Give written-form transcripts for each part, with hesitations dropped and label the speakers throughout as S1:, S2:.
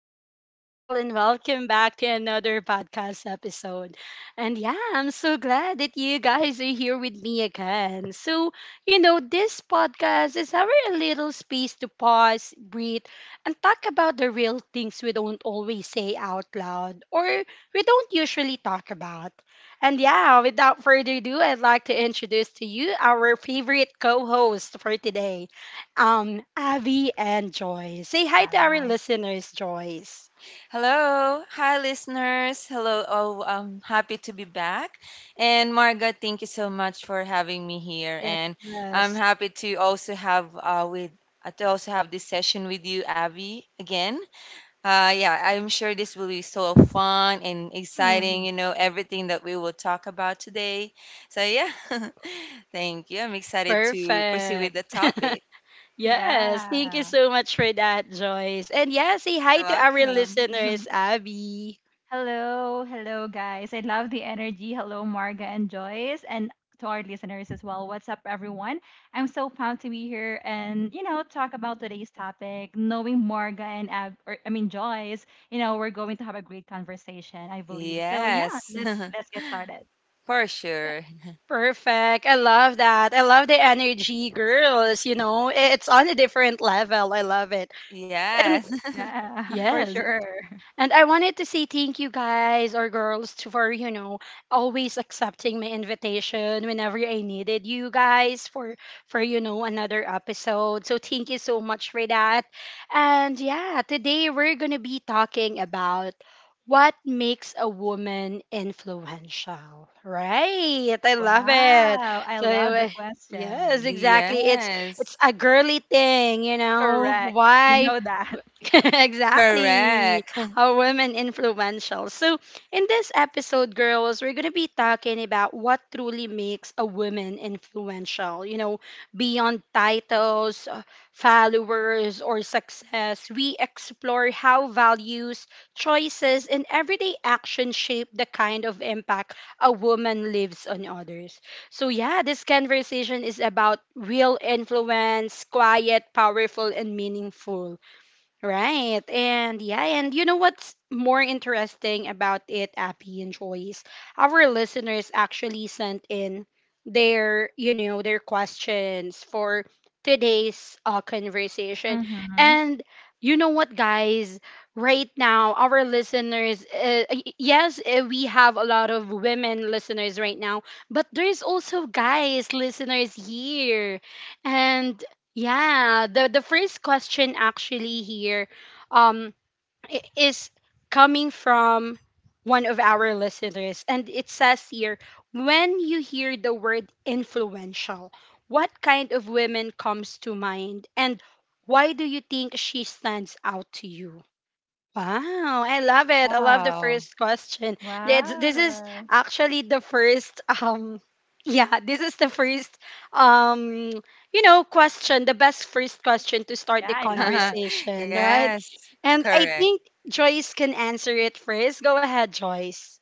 S1: beautiful people, and welcome back to another podcast episode. And yeah, I'm so glad that you guys are here with me again. So, you know, this podcast is our little space to pause, breathe, and talk about the real things we don't always say out loud or we don't usually talk about. And yeah, without further ado, I'd like to introduce to you our favorite co host for today Abby and Joyce. Say hi to our
S2: Wow.
S1: listeners, Joyce.
S3: Hello, hi listeners. Hello, oh, I'm happy to be back. And Marga, thank you so much for having me here. And I'm
S1: Yes.
S3: happy to also have with to also have this session with you, Abby, again. Yeah, I'm sure this will be so fun and exciting.
S1: Mhm.
S3: You know everything that we will talk about today. So yeah, thank you. I'm excited to proceed with
S1: Perfect.
S3: the topic.
S1: Yes. Thank you
S2: Yeah.
S1: so much for that, Joyce. And yeah, say
S3: You're
S1: hi to our
S3: welcome.
S1: listeners, Abby.
S2: Hello, hello, guys. I love the energy. Hello, Marga and Joyce, and to our listeners as well. What's up, everyone? I'm so proud to be here and talk about today's topic. Knowing Marga and Ab, or I mean Joyce, we're going to have a great conversation, I believe. So yeah,
S3: Yes,
S2: let's get started.
S3: for sure.
S1: Perfect. I love that. I love the energy, girls. You know, it's on a different level. I love it. And
S3: Yes.
S2: Yeah, for
S1: yes.
S2: sure.
S1: And I wanted to say thank you guys or girls for, you know, always accepting my invitation whenever I needed you guys for you know another episode. So thank you so much for that. And yeah, today we're going to be talking about what makes a woman influential. Right? I love it.
S2: Wow, I
S1: So
S2: love the
S1: yes,
S2: question.
S1: exactly. It's
S3: Yes.
S1: a girly thing, you know.
S2: Correct. You
S1: Why
S2: know that.
S1: exactly.
S3: Correct.
S1: How women influential. So, in this episode, girls, we're going to be talking about what truly makes a woman influential. You know, beyond titles, followers, or success, we explore how values, choices, and everyday actions shape the kind of impact a woman leaves on others. So, yeah, this conversation is about real influence, quiet, powerful, and meaningful. Right. And yeah, and you know what's more interesting about it, Appy and Joyce? Our listeners actually sent in their, you know, their questions for today's conversation.
S2: Mm-hmm.
S1: And you know what, guys? Right now, our listeners, yes, we have a lot of women listeners right now, but there's also guys listeners here. And yeah, the first question actually here um is coming from one of our listeners and it says here, when you hear the word influential, what kind of women comes to mind and why do you think she stands out to you? Wow, I love it. I love the
S3: Wow.
S1: first question. That's This is
S2: Wow.
S1: actually the first yeah, this is the first um you know question, the best first question to start
S2: Yeah,
S1: the
S2: I love it.
S1: conversation, right?
S3: Yes.
S1: And I
S3: Correct.
S1: think Joyce can answer it first. Go ahead, Joyce.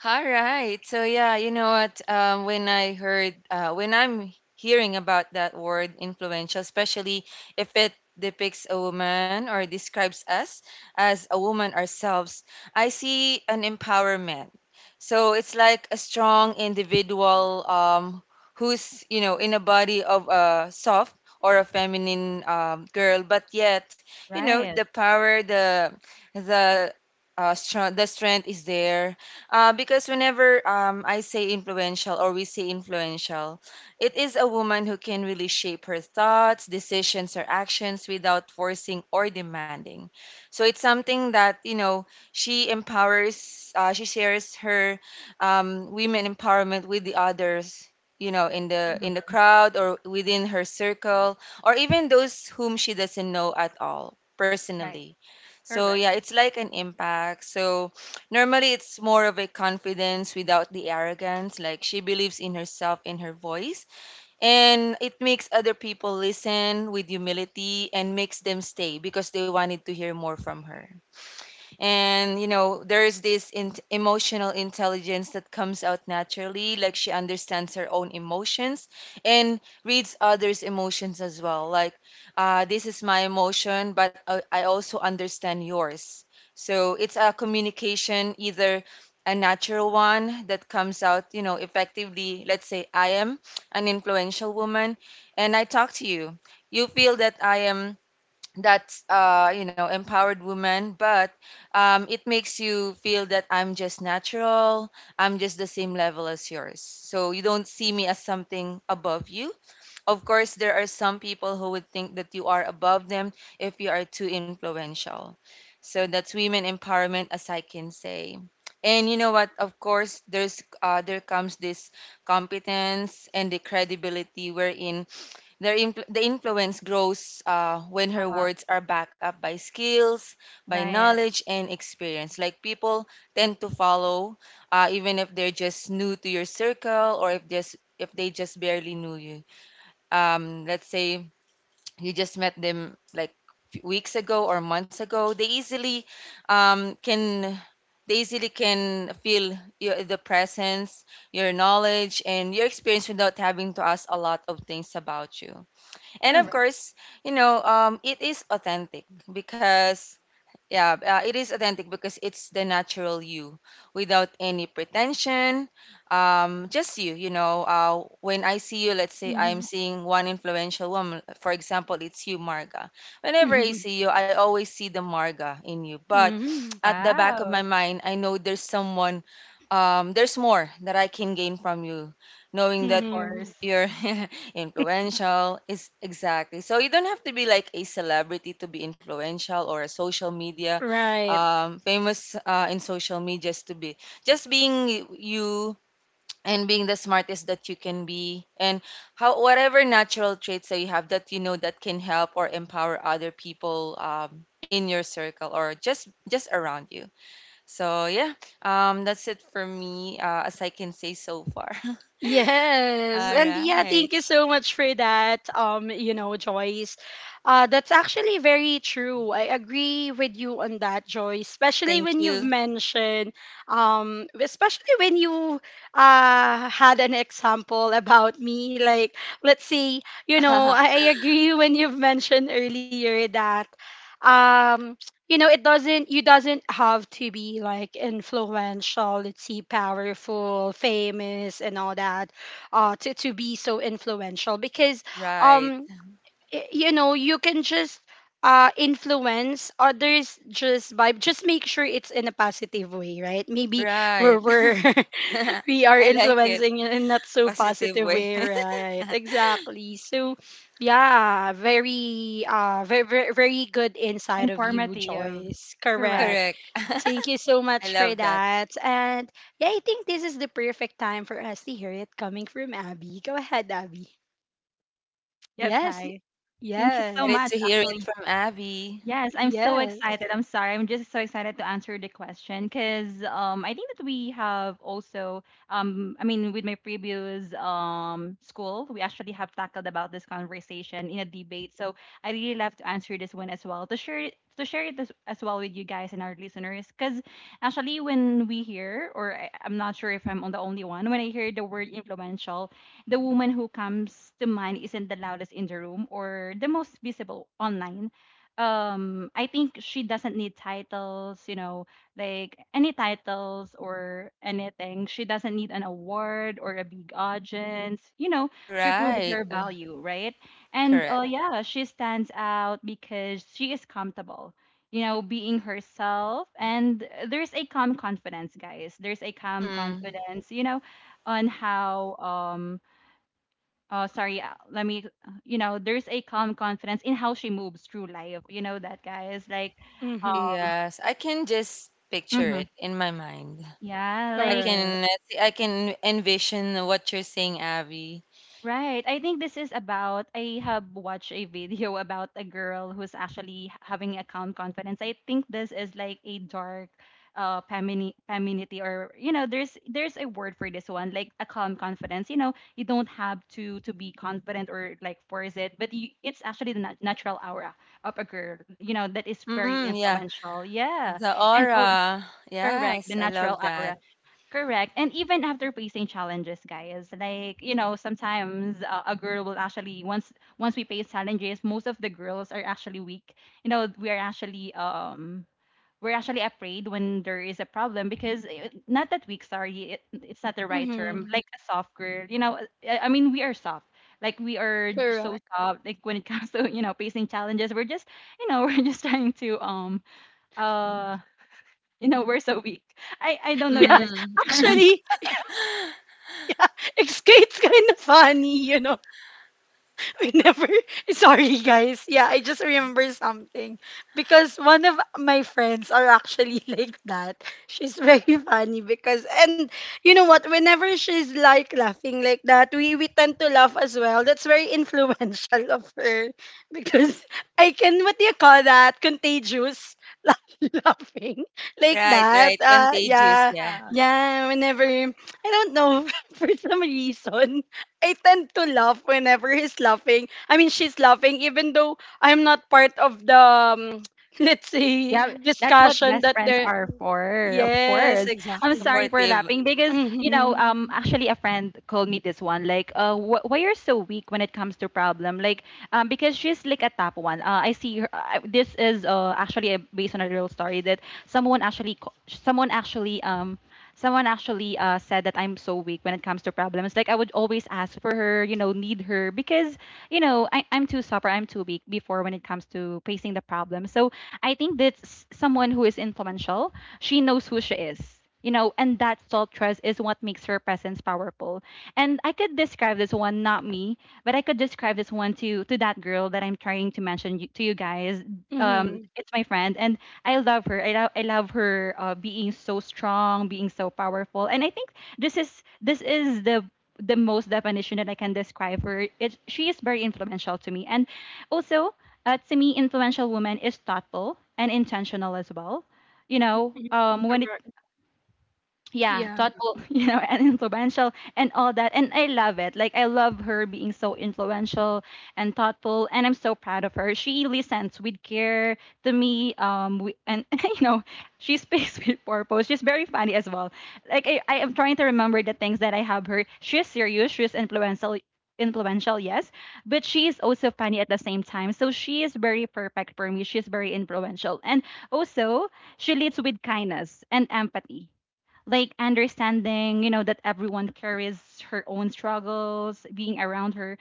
S3: All right. So yeah, you know what? When I heard, when I'm hearing about that word influential, especially if it depicts a woman or describes us as a woman ourselves, I see an empowerment. So it's like a strong individual who's you know in a body of a soft or a feminine girl, but yet you know the
S2: Right.
S3: power, the strong, the strength is there because whenever I say influential or we say influential, it is a woman who can really shape her thoughts, decisions, or actions without forcing or demanding. So it's something that, you know, she empowers, she shares her women empowerment with the others you know in the
S2: Mhm.
S3: crowd or within her circle or even those whom she doesn't know at all
S2: Right.
S3: personally, so yeah,
S2: Correct.
S3: it's like an impact. So normally, it's more of a confidence without the arrogance. Like she believes in herself, in her voice, and it makes other people listen with humility and makes them stay because they wanted to hear more from her. And you know there's this emotional intelligence that comes out naturally. Like she understands her own emotions and reads others emotions as well. Like this is my emotion, but I also understand yours. So it's a communication, either a natural one that comes out you know effectively. Let's say I am an influential woman and I talk to you, you feel that I am, that's you know, empowered woman, but it makes you feel that I'm just natural. I'm just the same level as yours, so you don't see me as something above you. Of course there are some people who would think that you are above them if you are too influential. So that's women empowerment, as I can say. And you know what, of course there's there comes this competence and the credibility wherein the influence grows when her
S2: Uh-huh.
S3: words are backed up by skills, by
S2: Right.
S3: knowledge, and experience. Like people tend to follow, even if they're just new to your circle or if just if they just barely knew you. Let's say you just met them like few weeks ago or months ago. They easily can they easily can feel your, the presence, your knowledge, and your experience without having to ask a lot of things about you. And of
S2: Correct.
S3: course, you know, it is authentic because, yeah, it is authentic because it's the natural you without any pretension. Just you, you know. When I see you, let's say I'm
S1: Mm-hmm.
S3: seeing one influential woman, for example, it's you, Marga. Whenever I
S1: Hmm.
S3: see you, I always see the Marga in you. But at the back of
S2: Wow.
S3: my mind, I know there's someone, there's more that I can gain from you, knowing that
S2: Of
S1: Hmm.
S2: course.
S3: you're influential, is exactly. So you don't have to be like a celebrity to be influential or a social media
S1: Right.
S3: famous in social media, is to be just being you and being the smartest that you can be and how whatever natural traits that you have that you know that can help or empower other people in your circle or just around you. So yeah, that's it for me as I can say so far.
S1: Yes.
S3: All
S1: And yeah,
S3: right.
S1: thank you so much for that. You know, Joyce. That's actually very true. I agree with you on that, Joyce, especially
S3: Thank
S1: when you've
S3: you.
S1: mentioned especially when you uh, had an example about me, like, let's say, you know, I agree when you've mentioned earlier that um you know it doesn't, you doesn't have to be like influential, let's see, powerful, famous, and all that, uh, to be so influential because
S3: Right,
S1: um you know you can just uh, influence others just by just make sure it's in a positive way, right? Maybe we're,
S3: right.
S1: we're we are
S3: I like it.
S1: influencing in not so
S3: Positive
S1: positive
S3: way.
S1: way, right? Exactly. So, yeah, very, very, very, very good insight of you,
S2: Informative.
S1: Joyce.
S2: Correct.
S1: Correct.
S3: Correct.
S1: Thank you so
S3: I
S1: much for
S3: love that.
S1: that. And yeah, I think this is the perfect time for us to hear it coming from Abby. Go ahead, Abby.
S2: Yes,
S1: Yes.
S2: hi. Thank you so
S3: Excited
S1: Yes.
S3: to
S2: much,
S3: hear it
S2: actually.
S3: from Abby.
S2: Yes, I'm so excited.
S1: Yes.
S2: I'm sorry. I'm just so excited to answer the question because I think that we have I mean, with my previous school, we actually have tackled about this conversation in a debate. So I really love to answer this one as well to share it as well with you guys and our listeners because actually when we hear, I'm not sure if I'm the only one, when I hear the word influential, the woman who comes to mind isn't the loudest in the room or the most visible online. I think she doesn't need titles, you know, like any titles or anything. She doesn't need an award or a big audience, you know, to prove
S3: Right.
S2: her value, right? And
S3: Correct.
S2: yeah, she stands out because she is comfortable, you know, being herself, and there's a calm confidence, guys. There's a calm
S3: Mm.
S2: confidence, you know, on how sorry let me you know, there's a calm confidence in how she moves through life, you know that, guys, uh,
S1: Mm-hmm.
S3: Yes, I can just picture
S2: hmm
S3: it in my mind.
S2: yeah,
S3: I
S2: like,
S1: Correct.
S3: can I can envision what you're saying, Abby.
S2: right. I think this is about, I have watched a video about a girl who's actually having a calm confidence. I think this is like a dark femininity, or you know, there's a word for this one, like a calm confidence. You know, you don't have to be confident or like force it, but you, it's actually the natural aura of a girl, you know, that is very
S3: Mm, yeah.
S2: influential. Yeah.
S3: The
S2: And oh,
S3: aura.
S2: correct, the
S3: Yes, I
S2: natural
S3: love
S2: aura.
S3: that.
S2: Correct. And even after facing challenges, guys, like, you know, sometimes a girl will actually, once we face challenges, most of the girls are actually weak. You know, we are actually we're actually afraid when there is a problem because eh, not that weak, sorry, it's not the right term.
S1: Mm-hmm.
S2: Like a soft girl, you know, eh, I mean we are soft. Like we are so
S1: Correct.
S2: soft. Like when it comes to, you know, facing challenges, we're just, you know, we're just trying to uh you know, we're so weak. I don't know if
S1: Yeah.
S2: that's
S3: Mm,
S2: the term.
S1: Actually, yeah, it's kind of funny, you know. We never. Sorry, guys. Yeah, I just remember something because one of my friends are actually like that. She's very funny because, and you know what? Whenever she's like laughing like that, we tend to laugh as well. That's very influential of her because I, can what do you call that? Contagious laughing like
S3: right,
S1: that.
S3: right. Contagious,
S1: Yeah,
S3: yeah.
S1: yeah. Whenever I don't know for some reason I tend to laugh whenever he's laughing. I mean, she's laughing, even though I'm not part of the, let's say,
S2: Yeah, that's what
S1: discussion
S2: best
S1: that
S2: friends
S1: they're.
S2: are for, of
S1: Yes,
S2: course. I'm
S1: exactly.
S2: sorry for
S3: Supportive.
S2: laughing because, you know,
S1: Mm-hmm.
S2: actually a friend called me this one, like, why you're so weak when it comes to problem, like, because she's like a top one. I see her. This is actually based on a real story that someone actually someone actually um someone actually said that I'm so weak when it comes to problems. Like I would always ask for her, you know, need her because you know, I'm too suffer, I'm too weak before when it comes to facing the problem. So I think that's someone who is influential. She knows who she is. You know, and that self trust is what makes her presence powerful. And I could describe this one, not me, but I could describe this one to that girl that I'm trying to mention you, to you guys.
S1: Mm-hmm.
S2: It's my friend, and I love her. I love her being so strong, being so powerful, and I think this is the most definition that I can describe her. It, she is very influential to me, and also, to me, influential woman is thoughtful and intentional as well. You know, when it
S1: Correct.
S2: yeah,
S1: Yeah,
S2: thoughtful, you know, and influential and all that. And I love it. Like I love her being so influential and thoughtful, and I'm so proud of her. She listens with care to me, we, and you know, she speaks with purpose. She's very funny as well. I am trying to remember the things that I have her. She's serious. She's influential. Influential, yes, but she is also funny at the same time. So she is very perfect for me. She's very influential, and also she leads with kindness and empathy, like understanding, you know, that everyone carries her own struggles. Being around her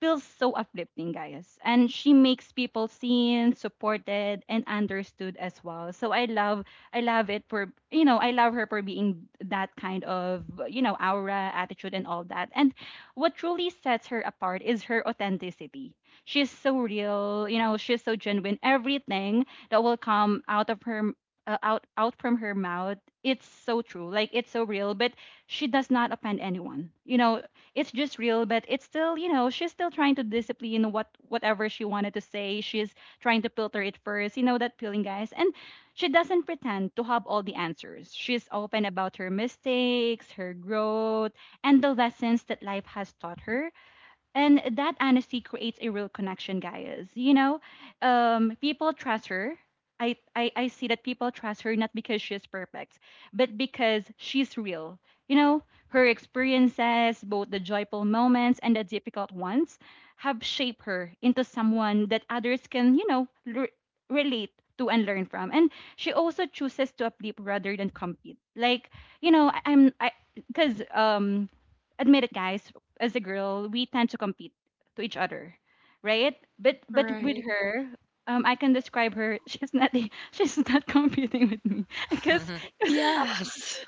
S2: feels so uplifting, guys. And she makes people seen, supported, and understood as well. So I love it for, you know, I love her for being that kind of, you know, aura, attitude, and all that. And what truly sets her apart is her authenticity. She's so real, you know, she's so genuine. Everything that will come out of her. Out from her mouth, it's so true, like it's so real, but she does not offend anyone, you know. It's just real, but it's still, you know, she's still trying to discipline what, whatever she wanted to say. She's trying to filter it first, you know that feeling, guys. And she doesn't pretend to have all the answers. She's open about her mistakes, her growth, and the lessons that life has taught her. And that honesty creates a real connection, guys. You know, people trust her. I see that people trust her, not because she's perfect, but because she's real. You know, her experiences, both the joyful moments and the difficult ones, have shaped her into someone that others can, you know, relate to and learn from. And she also chooses to uplift rather than compete. Like, you know, I, I'm, I, because, admit it, guys, as a girl, we tend to compete to each other, right? But with
S1: right.
S2: her, I can describe her. She's not competing with me because because uh,
S1: Yes.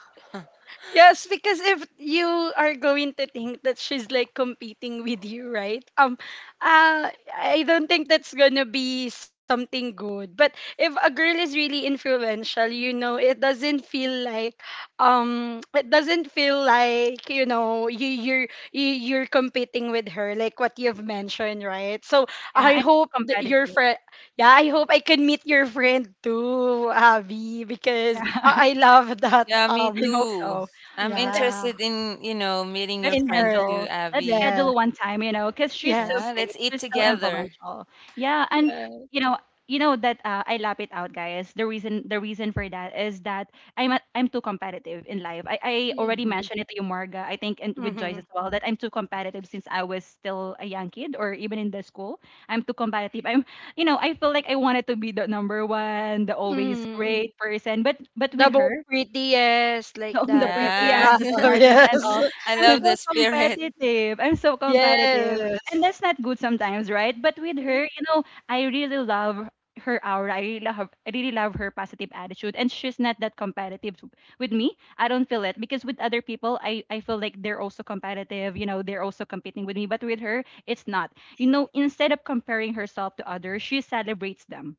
S1: Yes, because if you are going to think that she's like competing with you, right? Uh, I don't think that's gonna be something good. But if a girl is really influential, you know, it doesn't feel like, you know, you're competing with her, like what you've mentioned, right? So
S2: yeah,
S1: I
S2: I'm too
S1: hope that your
S2: competitive.
S1: friend, yeah, I hope I can meet your friend too, Abby, because
S2: Yeah,
S1: I love that
S3: Yeah, me
S2: I
S1: um,
S2: hope
S3: too.
S2: so.
S3: I'm
S1: yeah.
S3: interested in, you know, meeting your
S2: Let's
S1: In
S3: friend
S1: her.
S3: too,
S2: schedule,
S3: Abby.
S1: Yeah.
S2: one time, you know, because she's so
S3: Yeah,
S1: Yes.
S2: great,
S3: let's eat
S2: she's so
S3: together.
S2: influential. Yeah. And
S1: Yeah.
S2: you know, that I lap it out, guys. The reason for that is that I'm too competitive in life. I
S1: Yeah.
S2: already
S1: Mhm.
S2: mentioned it to you, Marga, I think, and with Joyce
S1: Mhm.
S2: as well, that I'm too competitive since I was still a young kid or even in the school. I'm too competitive. I'm, you know, I feel like I wanted to be the number one, the always
S1: Mm.
S2: great person, but with
S1: The most
S2: her,
S1: prettiest, like
S2: the the
S1: that. The,
S3: Yeah,
S2: prettiest,
S1: ah,
S2: the smartest, and all.
S3: I
S2: I'm
S1: yes.
S3: love
S2: so
S3: the spirit.
S2: competitive. I'm so competitive, and that's not good sometimes, right? But with her,
S1: Yes.
S2: you know, I really love her aura. I really love her positive attitude, and she's not that competitive with me. I don't feel it because with other people, I feel like they're also competitive. You know, they're also competing with me, but with her, it's not. You know, instead of comparing herself to others, she celebrates them.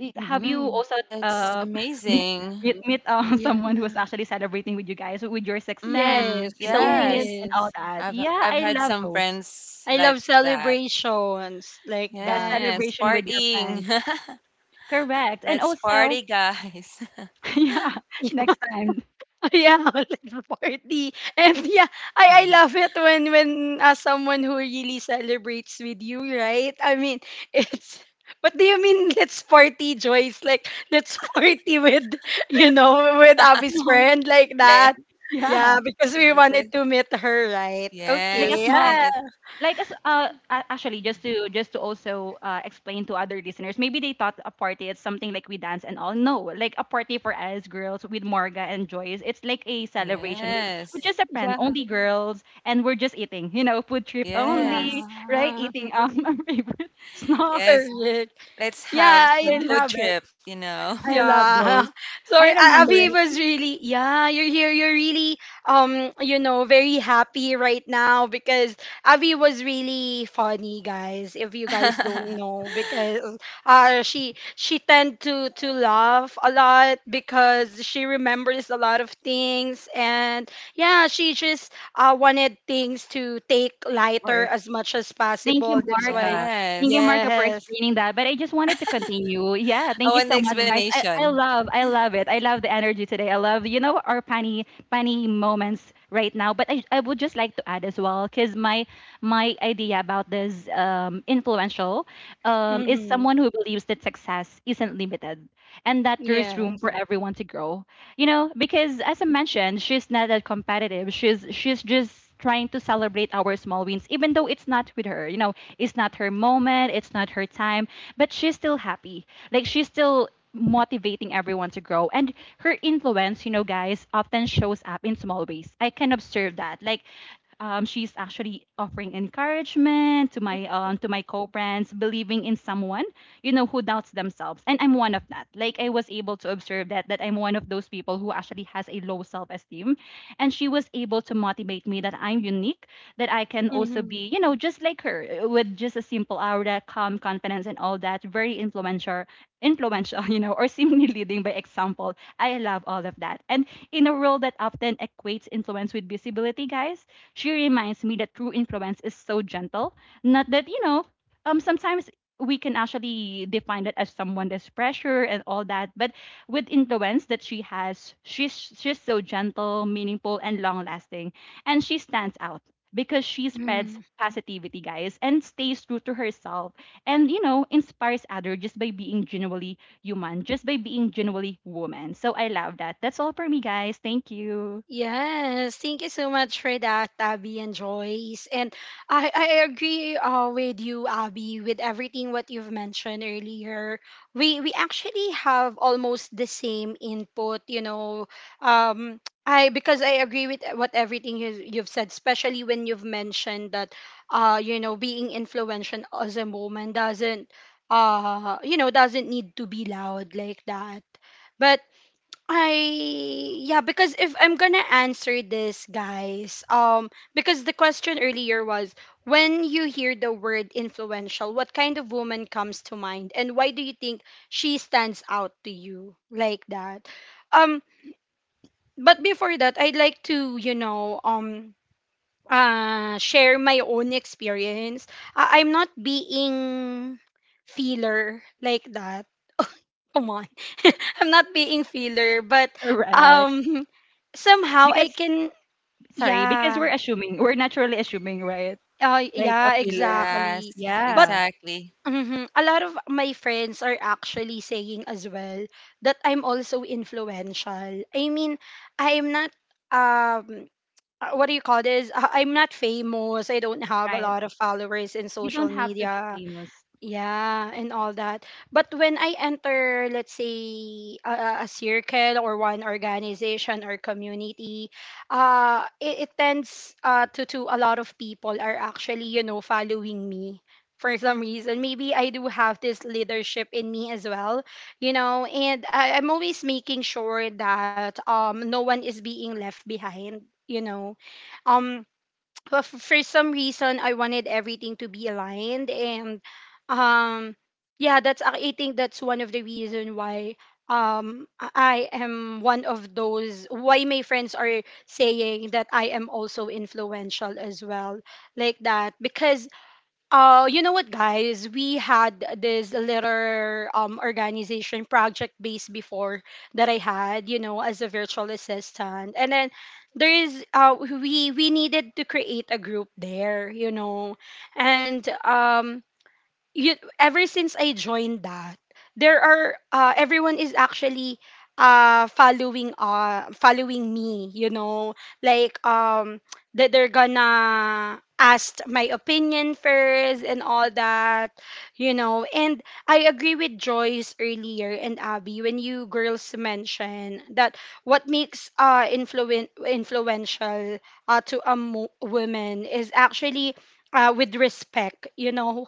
S2: Have you
S1: Mhm.
S2: also
S3: Oh, that's
S2: uh, meet,
S3: amazing.
S2: meet,
S1: Yeah.
S2: someone who was actually celebrating with you guys, with your success,
S3: Mm,
S1: Yes.
S2: little wins,
S3: yes.
S2: and all
S1: Yes.
S2: that?
S3: I've
S2: Yeah,
S3: I've
S2: I
S3: had
S2: love
S3: some
S2: those.
S3: friends
S1: I
S3: like
S1: love
S3: that.
S1: celebrations like
S2: Yeah,
S1: that.
S3: Yes,
S2: celebration with your friends.
S3: partying.
S2: Correct. And
S3: Let's party,
S2: also,
S3: guys.
S2: yeah, next time,
S1: Yeah, little party. And yeah, I love it when as someone who really celebrates with you, right? I mean, it's what do you mean, let's party, Joyce? Like let's party with you know, with Abby's
S2: small,
S1: friend like
S3: Yeah.
S1: that.
S2: yeah,
S1: Yeah, because we
S3: Okay.
S1: wanted to meet her, right?
S2: like a
S3: Yes.
S1: Okay.
S2: small,
S3: And
S1: Yeah.
S3: it
S2: like as actually, just to also explain to other listeners, maybe they thought a party is something like we dance and all. No, like a party for us girls with Morga and Joyce, it's like a celebration with
S3: yes.
S2: just a friend,
S1: Yeah.
S2: only girls, and we're just eating, you know, food trip only,
S3: Yes.
S2: right?
S1: Yeah.
S2: Eating, um, our favorite snacks.
S3: Yes.
S1: Correct.
S3: Let's
S1: Yeah,
S3: have
S1: I
S2: I
S3: some
S1: do.
S3: food
S2: love it.
S3: trip, you know.
S2: I love
S1: Yeah.
S2: those.
S1: so
S2: I remember
S1: Abby
S2: it.
S1: was really, yeah, you're here. You're really, you know, very happy right now because Abby was really funny, guys. If you guys don't know, because she tend to laugh a lot because she remembers a lot of things, and yeah, she just uh, wanted things to take
S2: Of
S1: lighter
S2: course.
S1: as much as
S2: Thank you,
S1: possible. That's why,
S2: Marga. Thank you,
S3: Yes.
S2: Marga, for
S1: yes.
S2: explaining that. But I just wanted to continue. Yeah,
S3: I
S2: thank you
S3: want the
S2: so much,
S1: Mm-hmm.
S2: guys.
S3: explanation.
S2: I love it. I love the energy today. I love, you know, our funny, funny moments right now. I would just like to add as well, because my idea about this influential is
S1: Mm-hmm.
S2: someone who believes that success isn't limited, and that there's room
S1: Yes.
S2: for everyone to grow. You know, because as I mentioned, she's not that competitive. She's just trying to celebrate our small wins, even though it's not with her. You know, it's not her moment, it's not her time, but she's still happy. Like she's still motivating everyone to grow, and her influence guys often shows up in small ways. I can observe that. Like she's actually offering encouragement to my co-brands, believing in someone, you know, who doubts themselves. And I'm one of that. Like I was able to observe that I'm one of those people who actually has a low self-esteem. And she was able to motivate me that I'm unique, that I can also
S1: Mm-hmm.
S2: be, you know, just like her, with just a simple aura, calm confidence and all that. Very influential, you know, or seemingly leading by example. I love all of that. And in a world that often equates influence with visibility, guys, she reminds me that true influence is so gentle. Not that, you know, sometimes we can actually define it as someone that's pressure and all that, but with influence that she has, she's so gentle, meaningful, and long lasting. And she stands out because she spreads
S1: Mm.
S2: positivity, guys, and stays true to herself, and you know inspires other just by being genuinely human, just by being genuinely woman. So I love that. That's all for me, guys. Thank you.
S1: Yes, thank you so much for that, Abby and Joyce. And I agree with you, Abby, with everything what you've mentioned earlier. We actually have almost the same input, you know. Um, I because I agree with what everything you've said, especially when you've mentioned that, you know, being influential as a moment doesn't, you know, doesn't need to be loud like that. But I yeah, because if I'm gonna answer this, guys, because the question earlier was when you hear the word influential, what kind of woman comes to mind, and why do you think she stands out to you like that? Um, but before that, I'd like to, you know, share my own experience. I'm not being feeler like that. Come on. I'm not being filler, but
S2: Correct.
S1: um somehow I
S2: because
S1: can,
S2: sorry because
S1: yeah.
S2: we're assuming, we're naturally assuming, right? Like a
S1: Yeah,
S2: pillar.
S3: Yes,
S1: exactly. But
S2: Yeah,
S3: exactly.
S1: mhm, a lot of my friends are actually saying as well that I'm also influential. I mean, I'm not um what do you call this? I'm not famous. I don't have a
S2: right.
S1: lot of followers in
S2: You don't
S1: social
S2: have to be
S1: media.
S2: famous.
S1: Yeah, and all that. But when I enter, let's say, a circle or one organization or community, it tends to a lot of people are actually, you know, following me for some reason. Maybe I do have this leadership in me as well, you know, and I'm always making sure that no one is being left behind, you know. Um, but for some reason I wanted everything to be aligned and um yeah that's I think that's one of the reason why um I I am one of those why my friends are saying that I am also influential as well like that because you know what, guys? We had this little um, organization project base before that I had, you know, as a virtual assistant, and then there is uh, we needed to create a group there, you know, and ever since I joined that, there are everyone is actually following me, you know, like that they're gonna ask my opinion first and all that, you know. And I agree with Joyce earlier and Abby when you girls mentioned that what makes uh, influential to a woman is actually with respect, you know,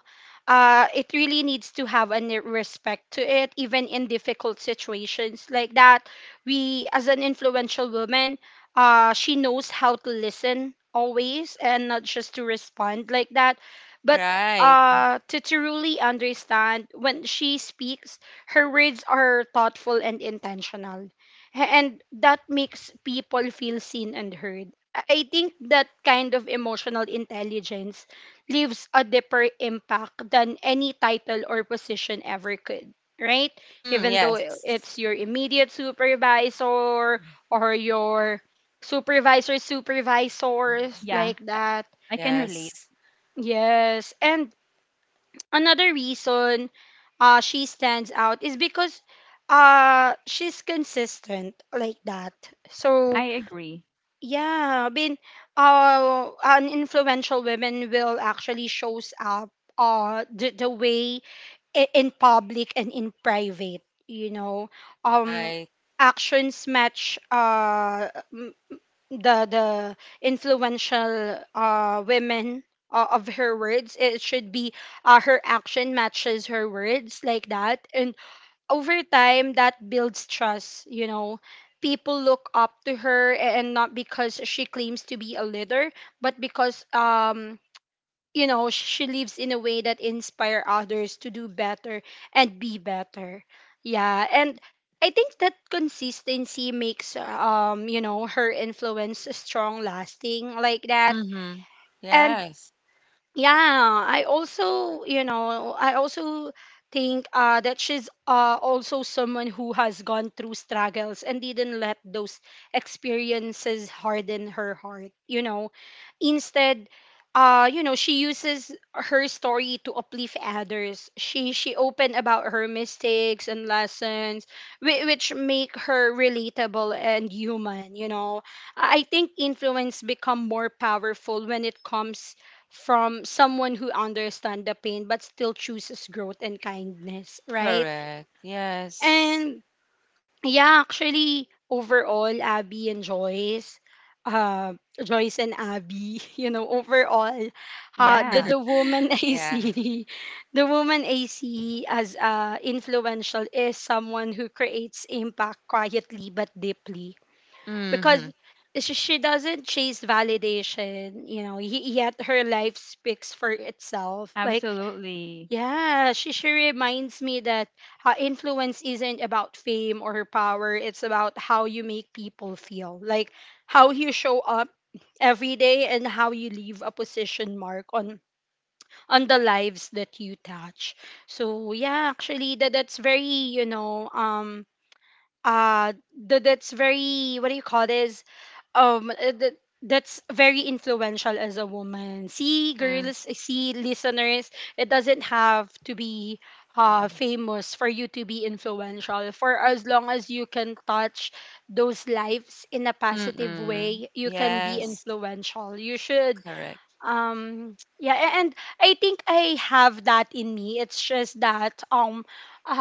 S1: it really needs to have a respect to it, even in difficult situations like that. We, as an influential woman, she knows how to listen always and not just to respond like that. But
S3: Right.
S1: to truly understand, when she speaks, her words are thoughtful and intentional. And that makes people feel seen and heard. I think that kind of emotional intelligence leaves a deeper impact than any title or position ever could, right?
S3: Mm,
S1: Even though
S3: yes.
S1: it's your immediate supervisor or your supervisor supervisors
S2: Yeah,
S1: like that.
S2: I can relate.
S3: Yes.
S1: Yes. And another reason uh, she stands out is because uh, she's consistent like that. So
S2: I agree.
S1: yeah, I mean, an influential woman will actually shows up uh, the way in public and in private, you know. Um,
S3: Right.
S1: actions match m- m- the influential uh, women of her words. It should be her action matches her words like that, and over time that builds trust, you know. People look up to her and not because she claims to be a leader, but because you know, she lives in a way that inspire others to do better and be better. Yeah, and I think that consistency makes you know, her influence strong lasting like that.
S3: Mm-hmm.
S1: And
S3: Yes.
S1: yeah, I also, I also think that she's also someone who has gone through struggles and didn't let those experiences harden her heart, you know. Instead, you know, she uses her story to uplift others. She open about her mistakes and lessons, which make her relatable and human, you know. I think influence become more powerful when it comes from someone who understands the pain but still chooses growth and kindness, right?
S3: Correct. Yes.
S1: And yeah, actually, overall, Abby and Joyce, uh, Joyce and Abby, you know, overall, uh, the,
S2: Yeah,
S1: the woman I
S3: Yeah.
S1: see, the woman I see as influential is someone who creates impact quietly but deeply because
S3: Mm-hmm.
S1: she doesn't chase validation, you know, yet her life speaks for itself, like
S2: absolutely.
S1: yeah, she reminds me that influence isn't about fame or power. It's about how you make people feel, like how you show up every day and how you leave a position mark on the lives that you touch. So yeah, actually, that's very, you know, that's very, what do you call this, that that's very influential as a woman. See,
S3: Mm-hmm.
S1: girls, see, listeners, it doesn't have to be famous for you to be influential. For as long as you can touch those lives in a positive
S3: Mm-mm.
S1: way, you can be
S3: Yes.
S1: influential. You should
S3: Correct.
S1: yeah, and I think I have that in me. It's just that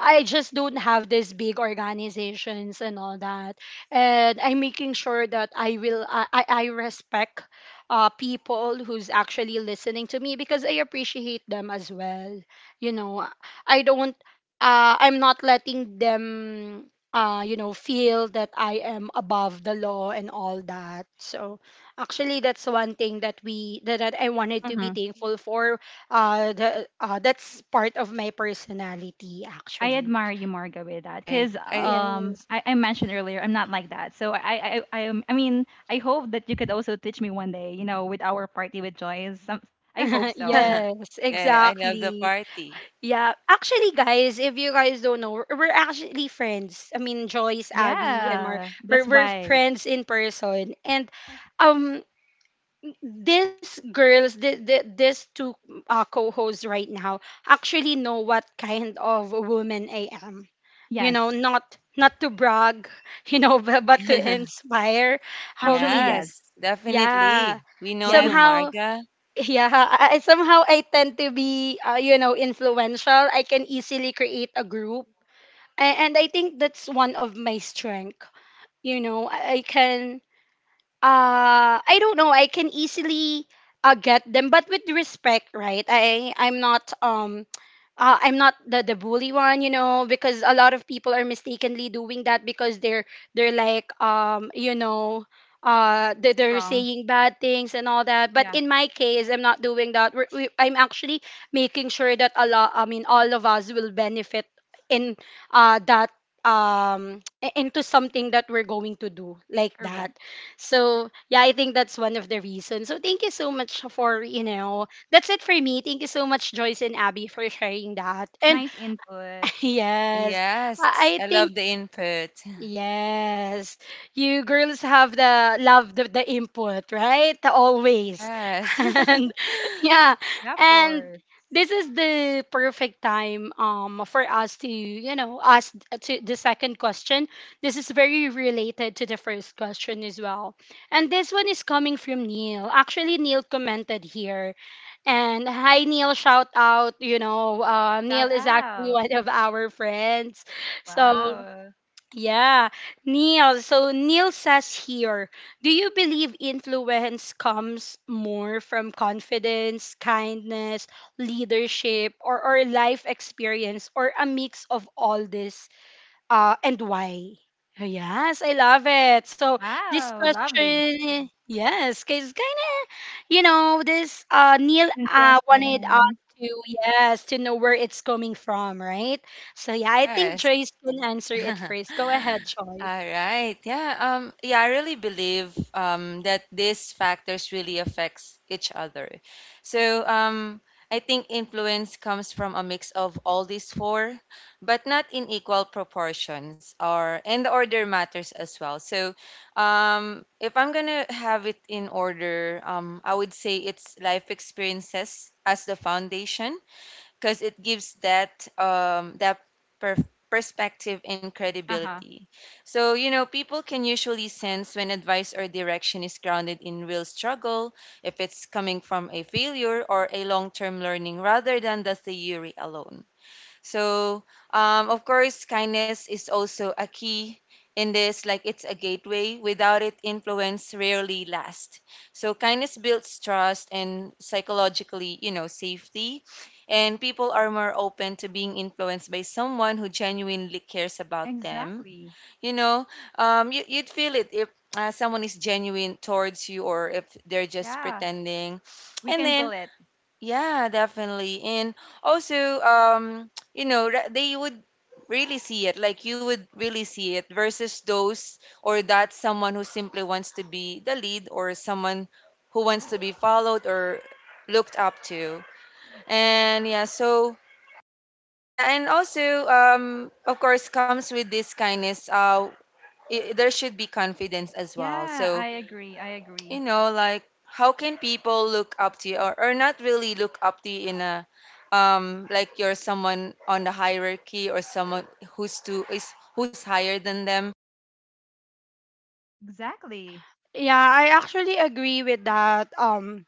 S1: I just don't have these big organizations and all that, and I'm making sure that I will I respect people who's actually listening to me because I appreciate them as well, you know. I don't I'm not letting them you know, feel that I am above the law and all that. So actually, that's one thing that I wanted to be
S2: Mhm.
S1: thankful for. The That's part of my personality,
S2: I
S1: actually.
S2: admire you, Marga, with that,
S3: Right.
S2: because
S3: I
S1: Yes.
S2: I mentioned earlier I'm not like that. So, I mean, I hope that you could also teach me one day. You know, with our party with Joyce. Some, I hope so.
S1: Yes,
S3: yeah, I love the
S1: exactly.
S3: party.
S1: Yeah. Actually, guys, if you guys don't know, we're actually friends. I mean, Joyce, Abby, and Mar,
S2: Yeah,
S1: we're,
S2: that's
S1: we're
S2: why.
S1: friends in person. And um, these girls, these two co-hosts right now, actually know what kind of a woman I am. You know,
S2: Yes,
S1: not to brag, you know, but to inspire. I
S2: actually,
S1: mean,
S2: yes,
S3: Yes,
S1: yeah,
S3: definitely. We know you,
S2: yes,
S1: somehow,
S3: Marga.
S1: yeah, somehow I tend to be, you know, influential. I can easily create a group, and I think that's one of my strength. You know, I can I don't know. I can easily get them, but with respect, right? I I'm not the bully one, you know, because a lot of people are mistakenly doing that because they're like you know, they're
S2: strong.
S1: saying bad things and all that, but
S2: Yeah,
S1: in my case I'm not doing that. I'm actually making sure that a lot I mean all of us will benefit in that um into something that we're going to do, like that.
S2: correct.
S1: So yeah, I think that's one of the reasons. So thank you so much for, you know, that's it for me. Thank you so much, Joyce and Abby, for sharing that. And
S2: Nice input.
S1: yes,
S3: Yes.
S1: I I
S3: I love
S1: think
S3: the input.
S1: Yes. You girls have the love the input, right? Always.
S3: Yes.
S1: And yeah.
S2: Yeah, of
S1: And
S2: course.
S1: this is the perfect time for us to, you know, ask to the second question. This is very related to the first question as well. And this one is coming from Neil. Actually, Neil commented here. And hi Neil, shout out. You know,
S2: Shout
S1: Neil is actually
S2: out.
S1: one of our friends. So
S2: Wow,
S1: yeah, Neil. So Neil says here, do you believe influence comes more from confidence, kindness, leadership, or life experience, or a mix of all this? And why? Oh, yes, I love it. So this
S2: wow, lovely.
S1: question, yes, because kind of, you know, this Neil wanted us
S2: Interesting.
S1: to, yes, to know where it's coming from, right? So yeah, I think
S3: Yes.
S1: Joyce can answer it
S3: All
S1: first. Go ahead, Joyce.
S3: right. Yeah. Yeah, I really believe that these factors really affects each other. So I think influence comes from a mix of all these four, but not in equal proportions or and the order matters as well. So if I'm gonna have it in order, I would say it's life experiences as the foundation because it gives that per- perspective and
S2: Uh huh.
S3: credibility. So you know, people can usually sense when advice or direction is grounded in real struggle, if it's coming from a failure or a long-term learning rather than the theory alone. So, of course, kindness is also a key in this, like it's a gateway. Without it, influence rarely lasts. So, kindness builds trust and psychologically, you know, safety. And people are more open to being influenced by someone who genuinely cares about them.
S2: Exactly.
S3: You know, you'd feel it if someone is genuine towards you or if they're just
S2: Yeah,
S3: pretending.
S2: we
S3: And
S2: can
S3: then
S2: feel it.
S3: yeah, definitely. And also, you know, they would really see it, like you would really see it versus those or that someone who simply wants to be the lead or someone who wants to be followed or looked up to. And yeah, so yeah, and also, of course, comes with this kindness, I there should be confidence as well.
S2: Yeah,
S3: So
S2: I agree. I
S3: you
S2: agree.
S3: know, like how can people look up to you or not really look up to you in a like you're someone on the hierarchy or someone who's to is who's higher than them.
S1: And
S2: Exactly.
S1: yeah, I actually agree with that.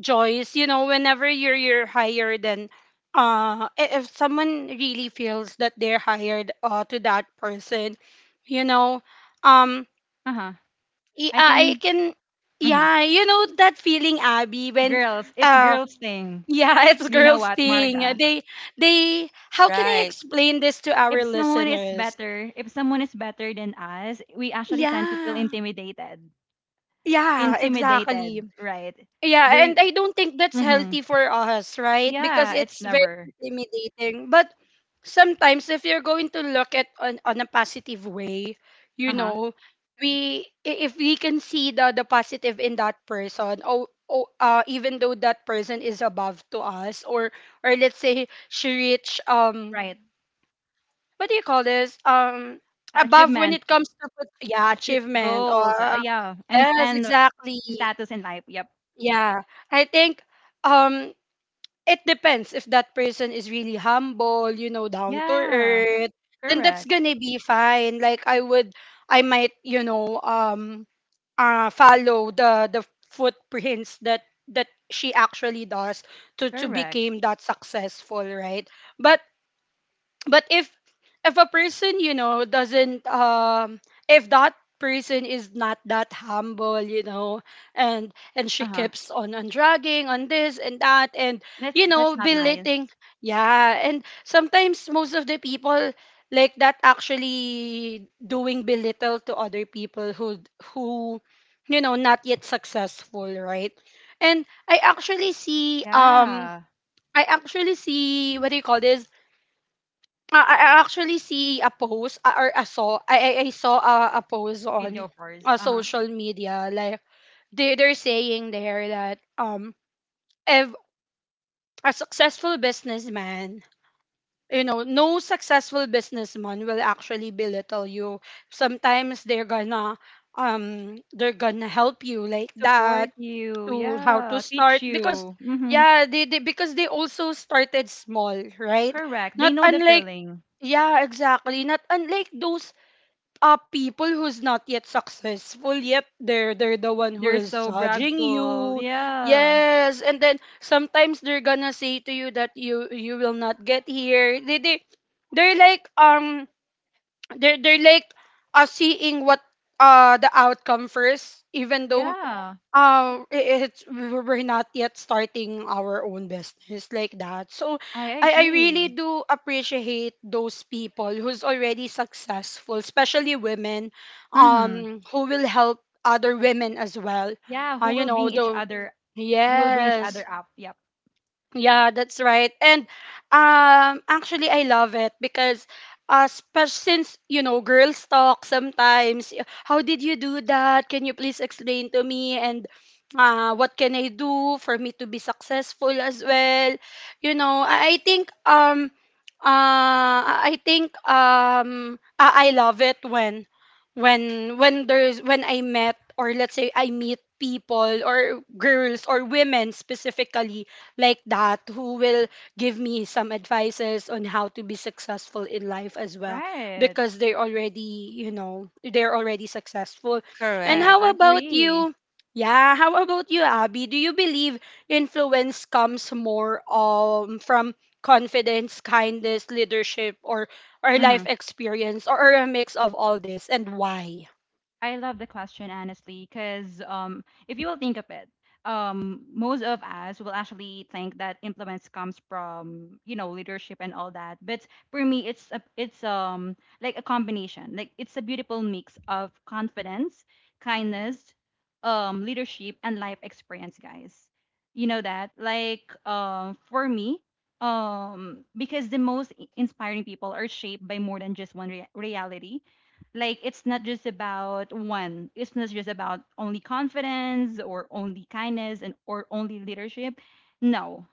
S1: Joyce, you know, whenever you're higher than if someone really feels that they're hired to that person, you know, um
S2: Uh-huh. I
S1: I
S2: can.
S1: can
S2: Mhm.
S1: yeah, you know that feeling Abby when
S2: Girls, it's
S1: uh
S2: girls thing.
S1: yeah, it's
S2: You know
S1: girls
S2: what,
S1: thing.
S2: Marga?
S1: They how can I
S3: Right.
S1: explain this to
S2: If
S1: our
S2: someone is
S1: listeners?
S2: better, if someone is better than us, we actually tend to feel
S1: Yeah.
S2: intimidated.
S1: Yeah, exactly.
S2: Intimidated, right?
S1: Yeah,
S2: We
S1: and I don't think that's
S2: mhm.
S1: healthy for us, right? Because
S2: Yeah, it's
S1: it's very
S2: never.
S1: intimidating. But sometimes if you're going to look at on a positive way, you
S2: Uh-huh.
S1: know, if we can see the positive in that person, oh, oh even though that person is above to us, or let's say she reach
S2: Right.
S1: what do you call this? Above when
S2: Achievement,
S1: it comes to yeah, achievement or
S2: goals, yeah, and
S1: yes,
S2: and
S1: exactly.
S2: status in life. Yep.
S1: Yeah. I think um it depends if that person is really humble, you know, down to
S2: Yeah.
S1: earth, then that's
S2: Correct.
S1: gonna be fine. Like I would I might, you know, follow the footprints that she actually does to
S2: Correct.
S1: become that successful, right? But but if a person, you know, doesn't if that person is not that humble, you know, and she
S2: Uh-huh.
S1: keeps on dragging on this and that and, you
S2: That's
S1: know,
S2: not nice.
S1: belittling. Yeah, and sometimes most of the people like that actually doing belittle to other people who, you know, not yet successful, right? And I actually see
S2: Yeah.
S1: I actually see
S2: Mm.
S1: what do you call this, I actually see a post or I saw I saw a post
S2: Video
S1: on
S2: first. Uh-huh.
S1: social media, like they they're saying there that if a successful businessman, you know, no successful businessman will actually belittle you. Sometimes they're gonna help you like
S2: Support
S1: that
S2: you.
S1: to how to
S2: Yeah. Teach
S1: start because
S2: you. Mm-hmm.
S1: yeah they, because they also started small, right?
S2: Correct. They
S1: Not
S2: know the
S1: unlike
S2: feeling.
S1: yeah, exactly, not unlike those people who's not yet successful, yet they're the one who
S2: They're
S1: is
S2: so
S1: judging
S2: bragful.
S1: you.
S2: Yeah.
S1: Yes, and then sometimes they're gonna say to you that you will not get here. They're like they're like seeing what the outcome first, even though
S2: Yeah.
S1: it, it's we're not yet starting our own business like that. So
S2: I
S1: I really
S2: agree.
S1: do appreciate those people who's already successful, especially women
S2: Mm-hmm.
S1: who will help other women as well.
S2: Yeah. Who
S1: You
S2: will bring
S1: know
S2: each
S1: the
S2: other? Who will bring each
S1: Yes,
S2: other up? Yep.
S1: yeah, that's right. And actually I love it because since, you know, girls talk sometimes, how did you do that? Can you please explain to me and what can I do for me to be successful as well? You know, I think I think I love it when there's when I met, or let's say I meet people or girls or women specifically like that, who will give me some advices on how to be successful in life as well,
S2: Right.
S1: because they're already, you know, they're already successful. And
S2: I
S1: how
S3: Correct.
S1: about
S2: agree.
S1: you? Yeah, how about you, Abby? Do you believe influence comes more from confidence, kindness, leadership, or
S2: Mm-hmm.
S1: life experience, or a mix of all this and why?
S2: I love the question, honestly, because if you will think of it, most of us will actually think that influence comes from, you know, leadership and all that. But for me, it's like a combination. Like it's a beautiful mix of confidence, kindness, leadership, and life experience, guys. You know that. Like for me, because the most inspiring people are shaped by more than just one reality. Like it's not just about one, it's not just about only confidence or only kindness and or only leadership. No.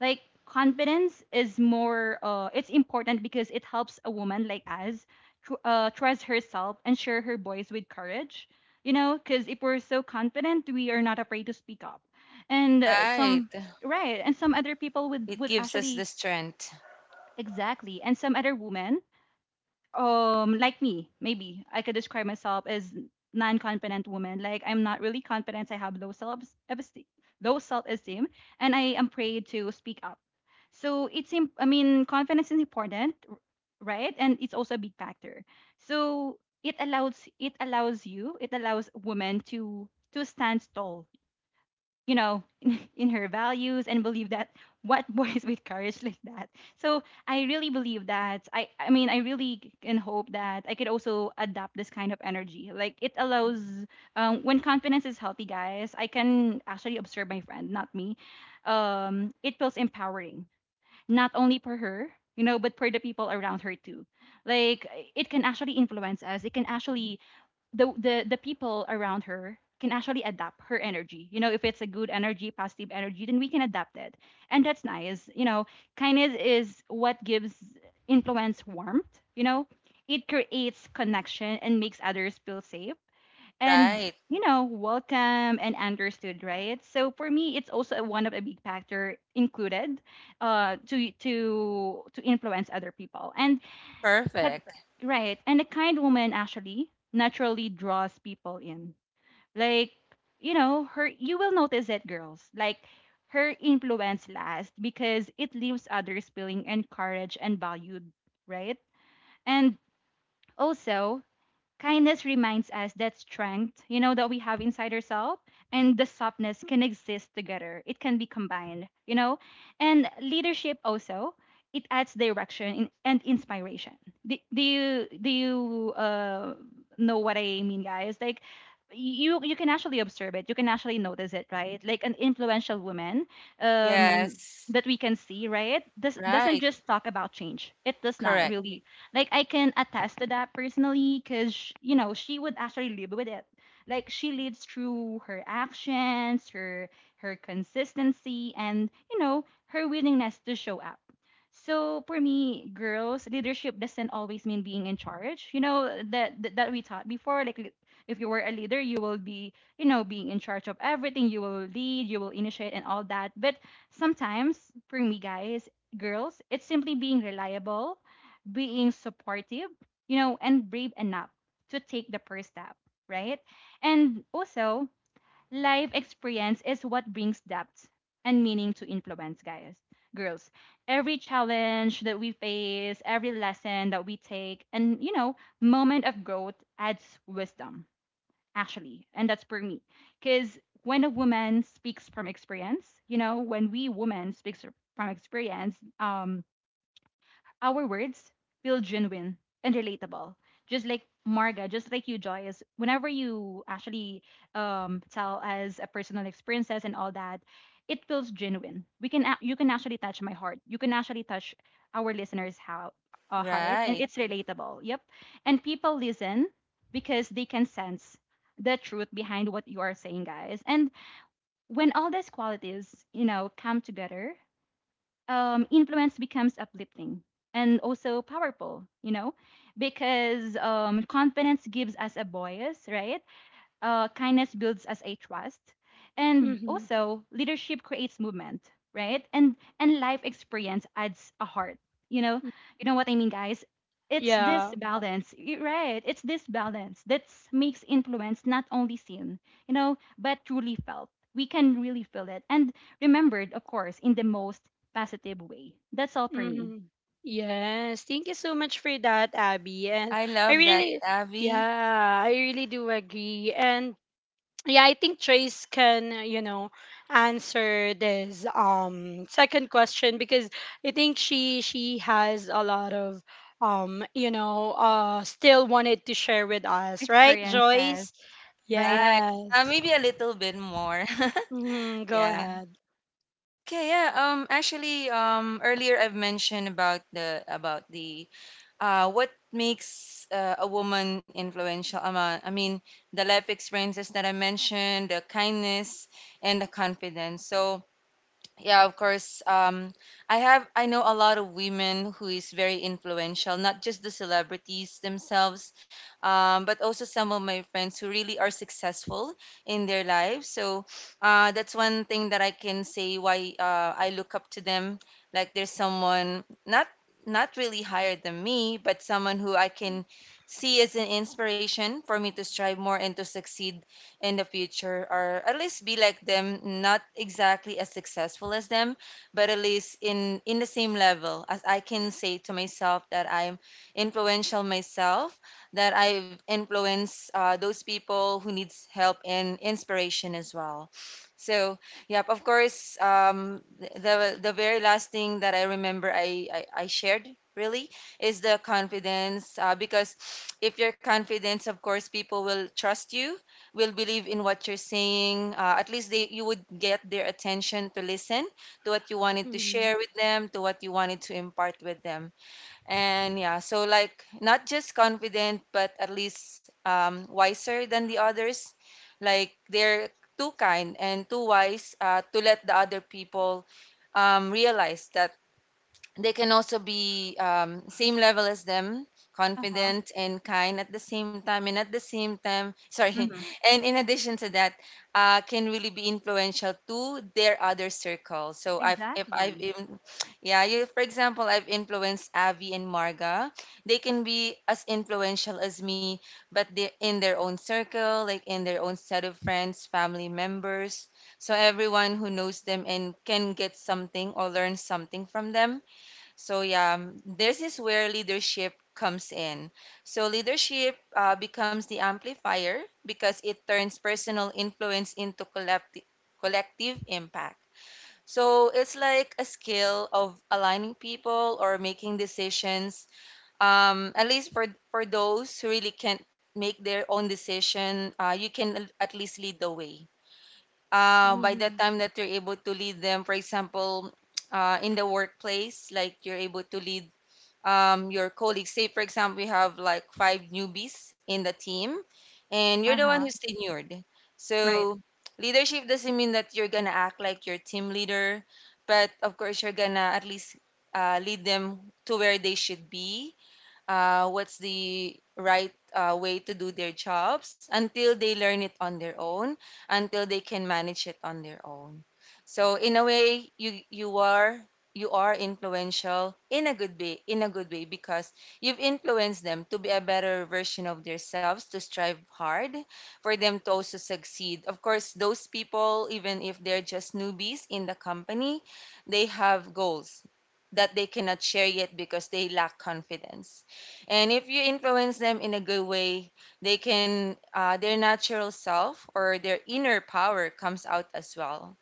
S2: Like confidence is more it's important because it helps a woman like us trust herself and share her voice with courage, you know, because if we're so confident, we are not afraid to speak up. And
S3: Right.
S2: some, right, and some other people
S3: It
S2: would
S3: gives us the
S2: actually
S3: strength.
S2: exactly, and some other women like me, maybe I could describe myself as non-confident woman. Like I'm not really confident, I have low self esteem low self-esteem, and I am afraid to speak up. So I mean, confidence is important, right, and it's also a big factor. So it allows, it allows you, it allows women to stand tall, you know, in her values and believe that, what boys with courage like that. So I really believe that I mean, I really can hope that I could also adapt this kind of energy. Like it allows, when confidence is healthy, guys. I can actually observe my friend, not me. It feels empowering, not only for her, you know, but for the people around her too. Like it can actually influence us. It can actually the people around her can actually adapt her energy. You know, if it's a good energy, positive energy, then we can adapt it. And that's nice. You know, kindness is what gives influence warmth, you know. It creates connection and makes others feel safe, and
S3: Right.
S2: you know, welcome and understood, right? So for me, it's also one of a big factor included to to influence other people. And but
S3: Perfect.
S2: right. And a kind woman actually naturally draws people in. Like, you know, her, you will notice it, girls. Like her influence lasts because it leaves others feeling encouraged and valued, right? And also, kindness reminds us that strength, you know, that we have inside ourselves and the softness can exist together. It can be combined, you know? And leadership also, it adds direction in, and inspiration. Do you know what I mean, guys? Like you can actually observe it. You can actually notice it, right? Like an influential woman, um
S3: Yes.
S2: that we can see, right? Doesn't
S3: Right.
S2: just talk about change. It does not
S3: Correct.
S2: really, like, I can attest to that personally, because you know she would actually live with it. Like she lives through her actions, her her consistency, and you know her willingness to show up. So for me, girls, leadership doesn't always mean being in charge. You know that that, that we taught before. Like if you were a leader, you will be, you know, being in charge of everything. You will lead, you will initiate, and all that. But sometimes for me, guys, girls, it's simply being reliable, being supportive, you know, and brave enough to take the first step, right? And also, life experience is what brings depth and meaning to influence, guys, girls. Every challenge that we face, every lesson that we take, and, you know, moment of growth adds wisdom, actually. And that's for me. Because when a woman speaks from experience, you know, when we women speaks from experience, our words feel genuine and relatable. Just like Marga, just like you, Joyce, whenever you actually tell us a personal experiences and all that, it feels genuine. You can actually touch my heart. You can actually touch our listeners' how, heart, and
S3: Right.
S2: it's relatable. Yep, and people listen because they can sense the truth behind what you are saying, guys. And when all these qualities, you know, come together, influence becomes uplifting and also powerful, you know, because confidence gives us a voice, right? Kindness builds us a trust, and
S1: Mhm.
S2: also leadership creates movement, right, and life experience adds a heart, you know. You know what I mean, guys? It's this
S1: Yeah.
S2: balance y- right, it's this balance that makes influence not only seen, you know, but truly felt. We can really feel it, and remembered, of course, in the most positive way. That's all for me.
S1: Mm-hmm. Yes, thank you so much for that, Abby. And
S3: I
S1: I
S3: love that,
S1: really,
S3: Abby.
S1: yeah, I really do agree. And yeah, I think Trace can, you know, answer this second question because I think she has a lot of you know, still wanted to share with us, right,
S2: Experiences,
S1: Joyce?
S2: right.
S3: Right.
S1: Yes.
S3: Maybe a little bit more.
S1: Mm-hmm. Go
S3: yeah.
S1: ahead.
S3: Okay, yeah. Actually, earlier I've mentioned about the what makes a woman influential. I mean, the life experiences that I mentioned, the kindness and the confidence. So, yeah, of course. I have I know a lot of women who is very influential, not just the celebrities themselves, but also some of my friends who really are successful in their lives. So that's one thing that I can say why I look up to them. Like there's someone not not really higher than me, but someone who I can see as an inspiration for me to strive more and to succeed in the future, or at least be like them, not exactly as successful as them, but at least in the same level as I can say to myself that I'm influential myself, that I influence those people who needs help and inspiration as well. So yep, of course, the the very last thing that I remember I shared really is the confidence because if you're confident, of course, people will trust you, will believe in what you're saying. At least they you would get their attention to listen to what you wanted to
S1: Mm-hmm.
S3: share with them, to what you wanted to impart with them. And yeah, so like not just confident, but at least wiser than the others. Like they're too kind and too wise to let the other people realize that they can also be same level as them,
S2: Uh-huh.
S3: confident and kind at the same time, and at the same time, sorry,
S2: Hmm.
S3: and in addition to that, can really be influential to their other circle. So I've if I've
S2: Exactly.
S3: in, yeah, you for example, I've influenced avi and Marga. They can be as influential as me, but they in their own circle, like in their own set of friends, family members, so everyone who knows them and can get something or learn something from them. So yeah, this is where leadership comes in. So leadership becomes the amplifier because it turns personal influence into collective impact. So it's like a skill of aligning people or making decisions. At least for those who really can't make their own decision, you can at least lead the way. By the
S1: Mm-hmm.
S3: time that you're able to lead them, for example, in the workplace, like you're able to lead your colleagues. Say, for example, we have like five newbies in the team, and you're the one
S2: Uh-huh.
S3: who's tenured.
S2: Right.
S3: So, leadership doesn't mean that you're gonna act like your team leader, but of course, you're gonna at least lead them to where they should be, what's the right way to do their jobs until they learn it on their own, until they can manage it on their own. So in a way, you are you are influential in a good way, in a good way, because you've influenced them to be a better version of themselves, to strive hard for them to also succeed. Of course, those people, even if they're just newbies in the company, they have goals that they cannot share yet because they lack confidence. And if you influence them in a good way, they can their natural self or their inner power comes out as well.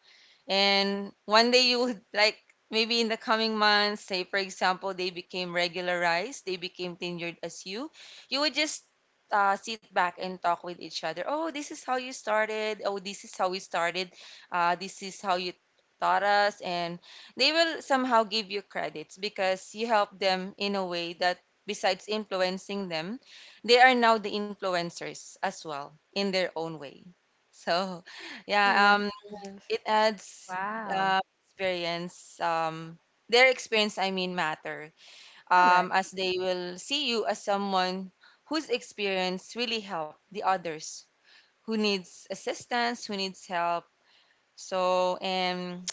S3: And one day, you would like maybe in the coming months, say for example, they became regularized, they became tenured as you, you would just sit back and talk with each other. Oh, this is how you started. Oh, this is how we started. This is how you taught us. And they will somehow give you credits because you help them in a way that besides influencing them, they are now the influencers as well in their own way. So,
S1: Yeah.
S3: yeah,
S1: Yes.
S3: it adds
S2: Wow.
S3: uh, experience. Their experience, I mean, matter,
S2: Correct.
S3: as they will see you as someone whose experience really helped the others, who needs assistance, who needs help. So and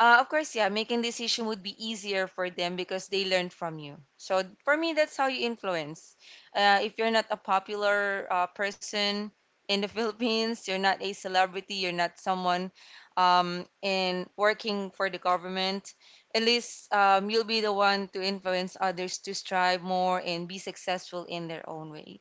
S3: of course, yeah, making decision would be easier for them because they learned from you. So for me, that's how you influence. If you're not a popular person in the Philippines, you're not a celebrity, you're not someone in working for the government. At least you'll be the one to influence others to strive more and be successful in their own ways.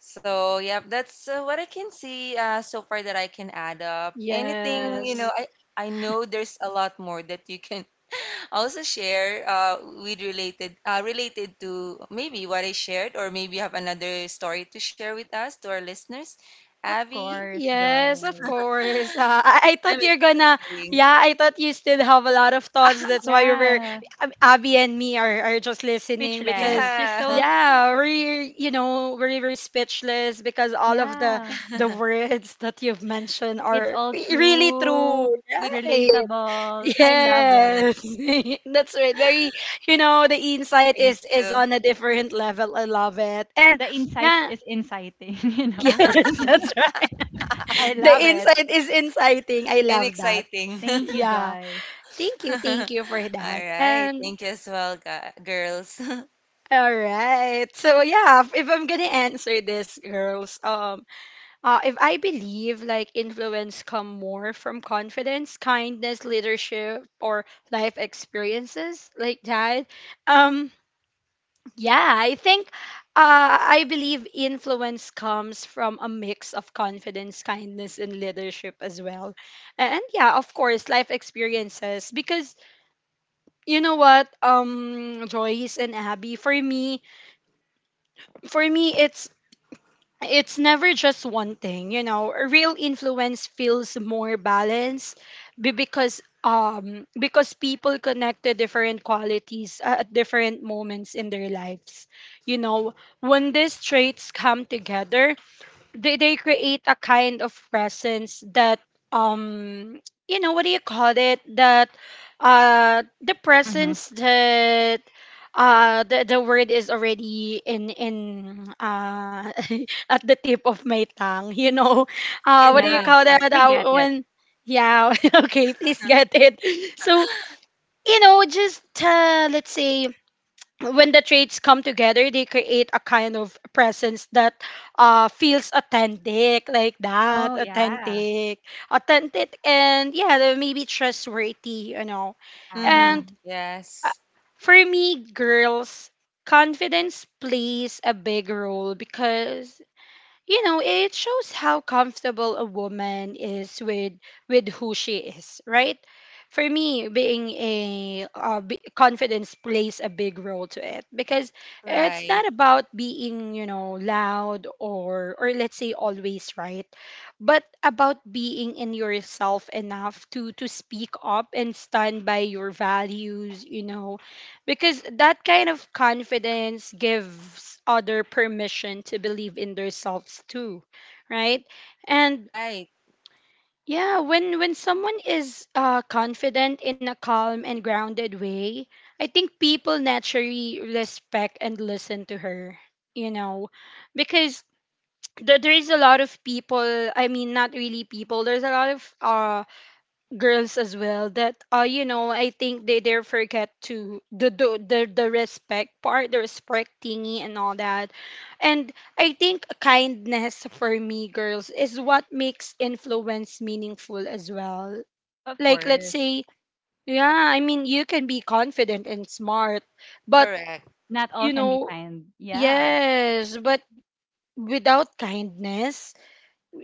S3: So, yeah, that's what I can see so far that I can add up. Anything,
S1: Yes.
S3: I know there's a lot more that you can also share with related related to maybe what I shared, or maybe you have another story to share with us to our listeners.
S2: Of
S3: Abby,
S2: course,
S1: Yes, of
S2: Joyce.
S1: course. I
S3: I'm
S1: thought you're gonna,
S3: expecting.
S1: yeah, I thought you still have a lot of thoughts. That's why you were,
S2: Yeah.
S1: Abby and me are just listening because,
S2: Speechless. She's
S3: Yeah,
S2: so,
S1: yeah, you know, we're speechless because all of
S2: yeah.
S1: the words that you've mentioned
S2: It's
S1: are
S2: all
S1: really true,
S2: true,
S3: with
S1: right?
S3: this
S2: relatable.
S3: is
S2: I
S3: what.
S2: love it.
S1: Yes, that's right. Very, you know, the insight
S3: Thank
S1: is
S3: you.
S1: on a different level. I love it. And
S2: The insights
S1: yeah,
S2: is inciting, you
S1: yes,
S2: know?
S1: that's right.
S2: I
S1: The
S2: love it.
S1: insight is inciting. I
S3: And
S1: love that.
S3: exciting.
S2: Thank you,
S1: Yeah.
S2: Joyce.
S1: Thank you. Thank
S3: All
S1: you for that.
S3: right.
S1: And
S3: Thank you as well, girls.
S1: all right. So yeah, if I'm gonna answer this, girls, if I believe like influence come more from confidence, kindness, leadership, or life experiences like that, um, yeah, I think I believe influence comes from a mix of confidence, kindness, and leadership as well. And yeah, of course, life experiences. Because Joyce and Abby, for me, it's never just one thing, you know. Real influence feels more balanced because people connect to different qualities at different moments in their lives, you know. When these traits come together, they create a kind of presence that, um you know, what do you call it, that the
S2: Mm-hmm.
S1: presence that the word is already in at the tip of my tongue, you know.
S3: You
S1: What
S3: can
S1: do
S3: do
S1: you
S2: Yeah.
S3: it,
S1: call
S3: Mar.
S1: that,
S2: We get it.
S1: when yeah okay, please get it. So, you know, just let's say when the traits come together, they create a kind of presence that feels authentic, like that,
S2: Oh, yeah.
S1: authentic, authentic, and yeah, they're maybe trustworthy, you know.
S2: Yeah.
S1: And
S3: Mm-hmm.
S1: uh,
S3: Yes.
S1: for me, girls, confidence plays a big role because, you know, it shows how comfortable a woman is with who she is, right? For me, being confidence plays a big role to it, because it's
S3: Right.
S1: not about being, you know, loud or let's say always right, but about being in yourself enough to speak up and stand by your values, you know, because that kind of confidence gives other permission to believe in themselves too, right? And
S3: Right.
S1: yeah, when someone is confident in a calm and grounded way, I think people naturally respect and listen to her, you know, because there is a lot of people. I mean, not really people. There's a lot of girls as well that you know, I think they forget to the respect part, the respect thingy and all that. And I think kindness, for me, girls, is what makes influence meaningful as well.
S2: Of
S1: Like, let's
S2: course.
S1: say, yeah, I mean, you can be confident and smart, but,
S3: Correct.
S2: Not all
S1: you
S2: can be
S1: know,
S2: kind. Yeah.
S1: yes, but without kindness,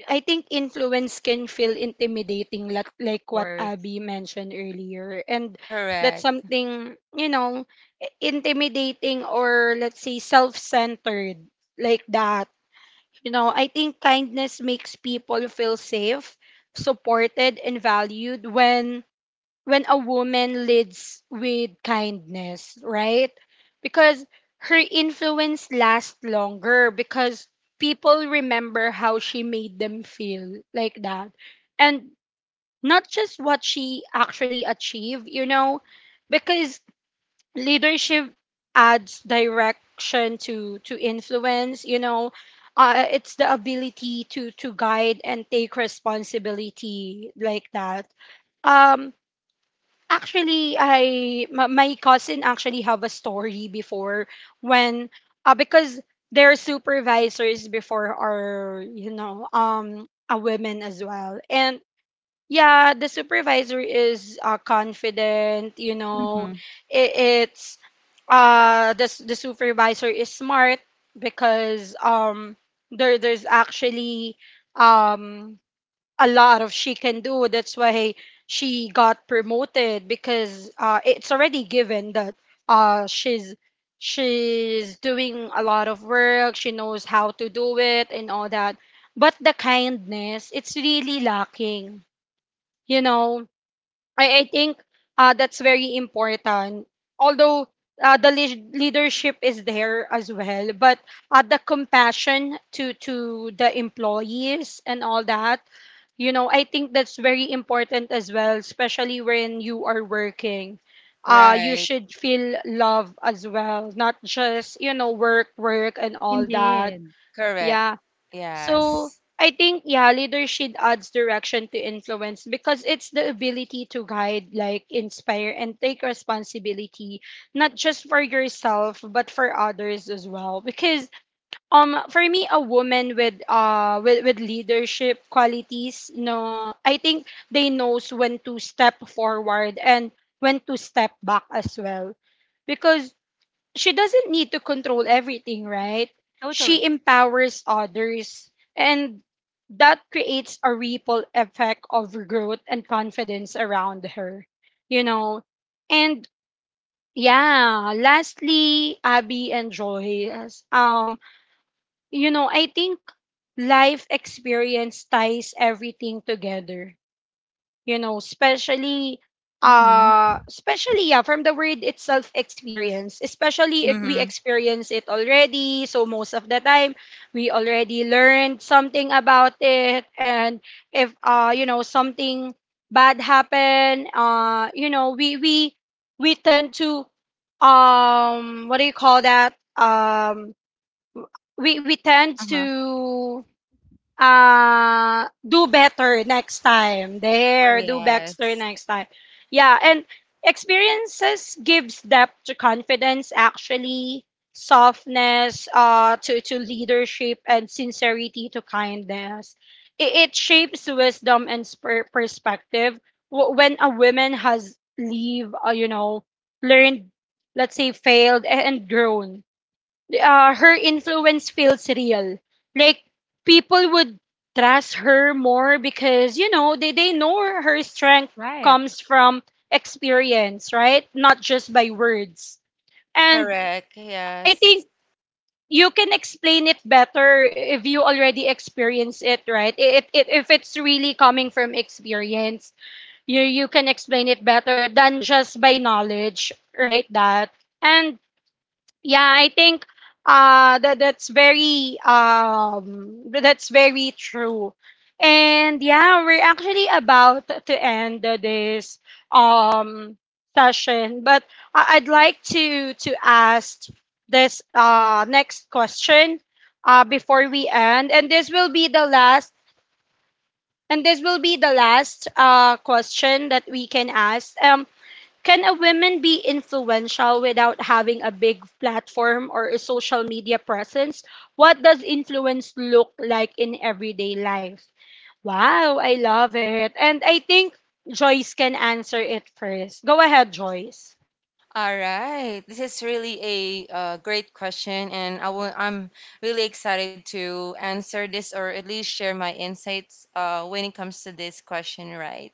S1: I think influence can feel intimidating,
S2: Of
S1: like what
S2: course.
S1: Abby mentioned earlier. And that's
S3: Correct.
S1: something, you know, I- intimidating or let's say self centered, like that. You know, I think kindness makes people feel safe, supported, and valued when a woman leads with kindness, right? Because her influence lasts longer, because people remember how she made them feel, like that. And not just what she actually achieved, you know, because leadership adds direction to influence, you know. It's the ability to guide and take responsibility, like that. um Actually, I my cousin actually have a story before, when because their supervisors before are, you know, a woman as well. And yeah, the supervisor is confident, you know.
S2: Mm-hmm.
S1: it, it's the s- the supervisor is smart because there, there's actually um a lot of she can do. That's why she got promoted, because it's already given that uh, she's she's doing a lot of work. She knows how to do it and all that. But the kindness, it's really lacking. You know, I think that's very important. Although the lead leadership is there as well, but the compassion to the employees and all that, you know, I think that's very important as well, especially when you are working. You
S3: Right.
S1: should feel love as well, not just, you know, work, work and all that.
S2: Indeed.
S3: Correct.
S1: Yeah. So
S3: Yes.
S1: I think, yeah, leadership adds direction to influence because it's the ability to guide, like inspire and take responsibility, not just for yourself but for others as well. Because for me, a woman with with leadership qualities, no, I think they knows when to step forward and when to step back as well. Because she doesn't need to control everything, right? She
S2: Totally.
S1: empowers others, and that creates a ripple effect of growth and confidence around her, you know. And yeah, lastly, Abby and Joy, you know, I think life experience ties everything together, you know. Especially
S2: Mm-hmm.
S1: especially, yeah, from the word itself, experience, especially if we
S3: Mm-hmm.
S1: experience it already, so most of the time we already learned something about it. And if you know, something bad happen, you know, we tend to what do you call that we tend
S2: Uh-huh.
S1: to do better next time,
S2: Of
S1: there,
S2: course.
S1: do better
S3: Yes.
S1: next time. Yeah. And experiences gives depth to confidence, actually, softness to leadership, and sincerity to kindness. It shapes wisdom and sper- perspective. Wh- when a woman has leave you know, learned, let's say failed a- and grown, her influence feels real. Like, people would trust her more, because, you know, they know her strength
S2: Right.
S1: comes from experience, right? Not just by words. And
S3: Correct.
S1: I
S3: Yes.
S1: think you can explain it better if you already experience it, right? If it's really coming from experience, you can explain it better than just by knowledge, right? That. And yeah, I think that's very true. And yeah, we're actually about to end this um session, but I'd like to ask this next question before we end. And this will be the last, and this will be the last question that we can ask. Can a woman be influential without having a big platform or a social media presence? What does influence look like in everyday life? Wow, I love it. And I think Joyce can answer it first. Go ahead, Joyce.
S3: All right. This is really a great question, and I'm really excited to answer this, or at least share my insights when it comes to this question, right?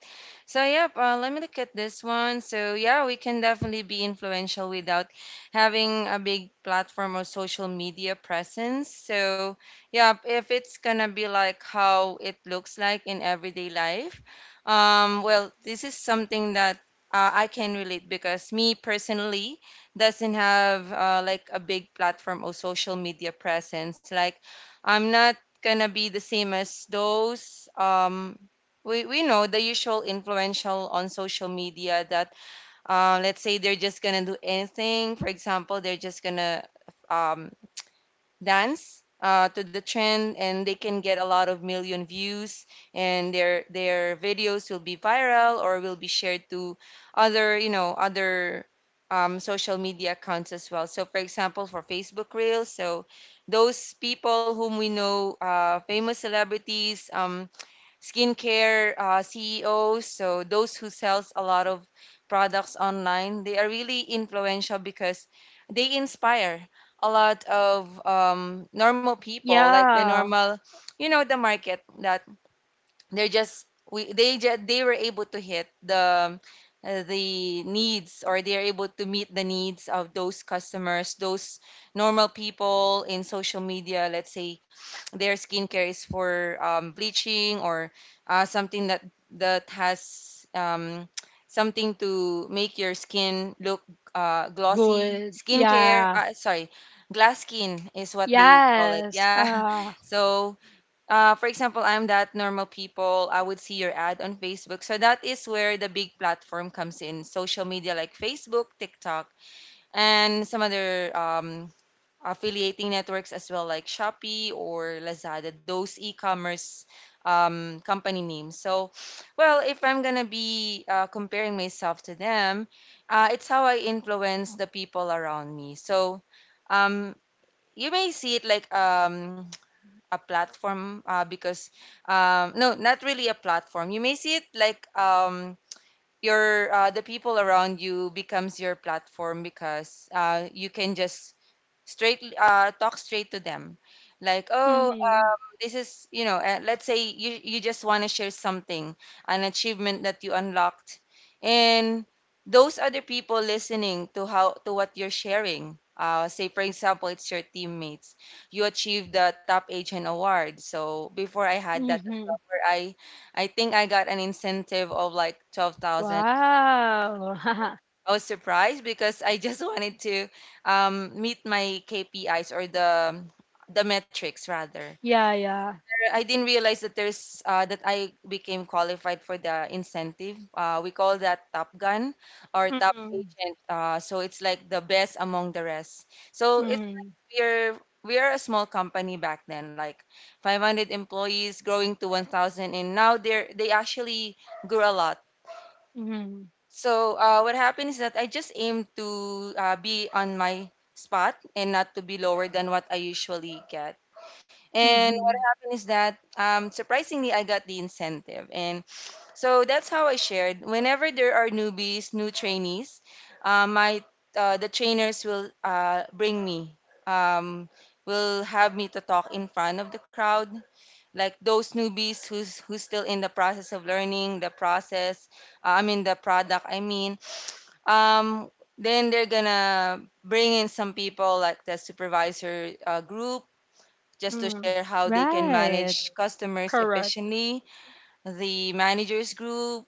S3: So, yep, let me look at this one. So, yeah, we can definitely be influential without having a big platform or social media presence. So, yeah, if it's gonna be like how it looks like in everyday life, well, this is something that I can relate, because me personally doesn't have like a big platform or social media presence. Like I'm not gonna be the same as those. We know the usual influential on social media that let's say they're just gonna do anything. For example, they're just gonna um, dance to the trend, and they can get a lot of million views, and their videos will be viral or will be shared to other other social media accounts as well. So for example, for Facebook reels, so those people whom we know, famous celebrities, skincare CEOs, so those who sells a lot of products online, they are really influential because they inspire a lot of normal people, like the
S1: Yeah,
S3: normal, you know, the market that they're just we they just they were able to hit the needs, or they're able to meet the needs of those customers, those normal people in social media. Let's say their skincare is for bleaching, or something that that has something to make your skin look glossy
S1: good.
S3: skincare.
S1: Yeah,
S3: Sorry, glass skin is what they call it,
S1: yes.
S3: yeah. So for example, I'm that normal people. I would see your ad on Facebook. So that is where the big platform comes in, social media like Facebook, TikTok, and some other affiliating networks as well, like Shopee or Lazada, those e commerce company names. So, well, if I'm going to be comparing myself to them, it's how I influence the people around me. So, um, you may see it like a platform because no, not really a platform. You may see it like your the people around you becomes your platform, because you can just straight talk straight to them, like oh
S1: Mm-hmm.
S3: this is you know let's say you just want to share something, an achievement that you unlocked, and those other people listening to how to what you're sharing, say for example it's your teammates. You achieved the top agent award. So before, I had that as
S1: Mm-hmm.
S3: well, where I think I got an incentive of like 12,000.
S1: Wow.
S3: I was surprised because I just wanted to meet my KPIs, or the metrics rather.
S1: Yeah, yeah.
S3: I didn't realize that there's that I became qualified for the incentive. We call that Top Gun or Top
S1: Mm-hmm.
S3: Agent. So it's like the best among the rest. So it's
S1: Mm-hmm.
S3: like we're a small company back then, like 500 employees growing to 1,000, and now they actually grew a lot.
S1: Mm-hmm.
S3: So what happened is that I just aim to be on my spot and not to be lower than what I usually get. And what
S1: Mm-hmm.
S3: happened is that surprisingly, I got the incentive. And so that's how I shared. Whenever there are newbies, new trainees, my the trainers will bring me, um, will have me to talk in front of the crowd, like those newbies who's still in the process of learning the process, I mean the product, I mean, um then they're gonna bring in some people, like the supervisor group, just to
S1: Mm-hmm.
S3: share how they can
S2: Right.
S3: manage customers
S1: Correct.
S3: efficiently, the managers group,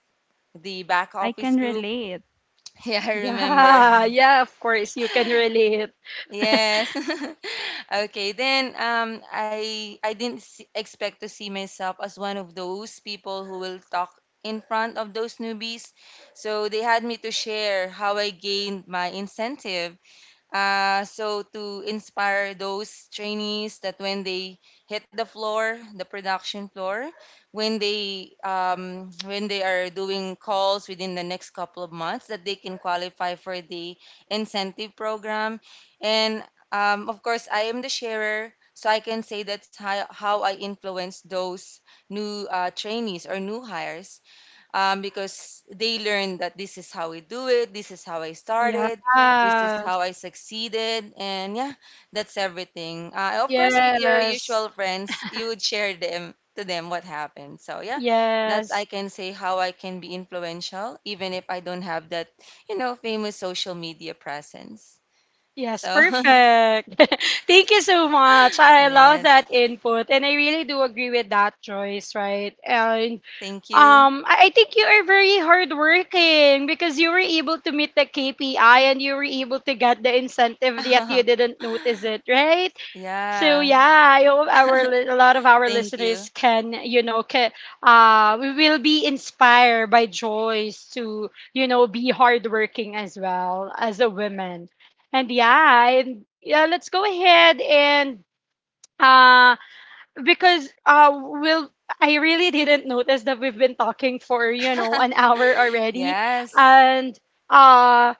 S3: the back
S2: I can
S3: office group.
S2: relate.
S3: Yeah, I remember.
S1: Yeah, yeah, of course, you can relate.
S3: Yes. Okay. Then I didn't expect to see myself as one of those people who will talk in front of those newbies. So they had me to share how I gained my incentive, so to inspire those trainees that when they hit the floor, the production floor, when they are doing calls within the next couple of months, that they can qualify for the incentive program. And of course, I am the sharer, so I can say that's how I influence those new trainees or new hires, because they learn that this is how we do it, this is how I
S1: Yeah.
S3: started, this is how I succeeded, and yeah, that's everything. Of course, with your
S1: Yes.
S3: usual friends, you would share them to them what happened. So yeah, that I
S1: Yes.
S3: can say how I can be influential, even if I don't have that, you know, famous social media presence.
S1: Yes,
S3: So
S1: perfect. Thank you so much. I love
S3: yes,
S1: that input and I really do agree with that choice, right? And
S3: thank you.
S1: I think you are very hardworking because you were able to meet the KPI and you were able to get the incentive, yet you didn't notice it, right? So
S3: Yeah,
S1: yeah, I hope our li- a lot of our
S3: thank you.
S1: listeners can, you know, can, we will be inspired by Joyce to, you know, be hardworking as well as a woman. And yeah, and yeah, let's go ahead and uh because we'll I really didn't notice that we've been talking for, you know, an hour already,
S3: Yes,
S1: and uh,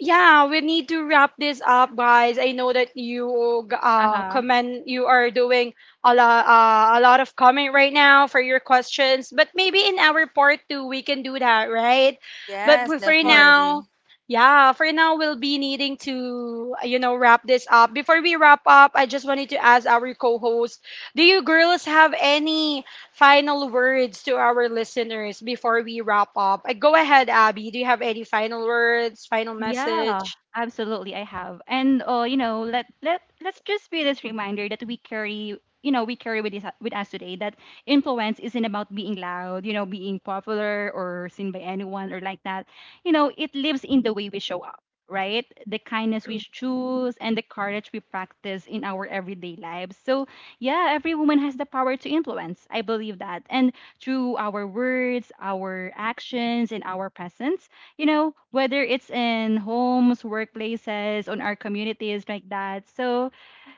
S1: yeah, we need to wrap this up, guys. I know that you g-
S2: Uh-huh. Of
S1: comment, you are doing a lot of comment right now for your questions, but maybe in our part two we can do that, right? But
S3: yes,
S1: p- for
S2: course.
S1: now,
S3: definitely.
S1: yeah, for now we'll be needing to you know, wrap this up. Before we wrap up, I just wanted to ask our co-host, do you girls have any final words to our listeners before we wrap up? Go ahead, Abby. Do you have any final words, final
S2: Yeah,
S1: message?
S2: absolutely I have. And you know, let's just be this reminder that we carry, you know, we carry with us today, that influence isn't about being loud, you know, being popular or seen by anyone or like that. You know, it lives in the way we show up, right? The kindness we choose and the courage we practice in our everyday lives. So, yeah, every woman has the power to influence. I believe that. And through our words, our actions, and our presence, you know, whether it's in homes, workplaces, on our communities like that. So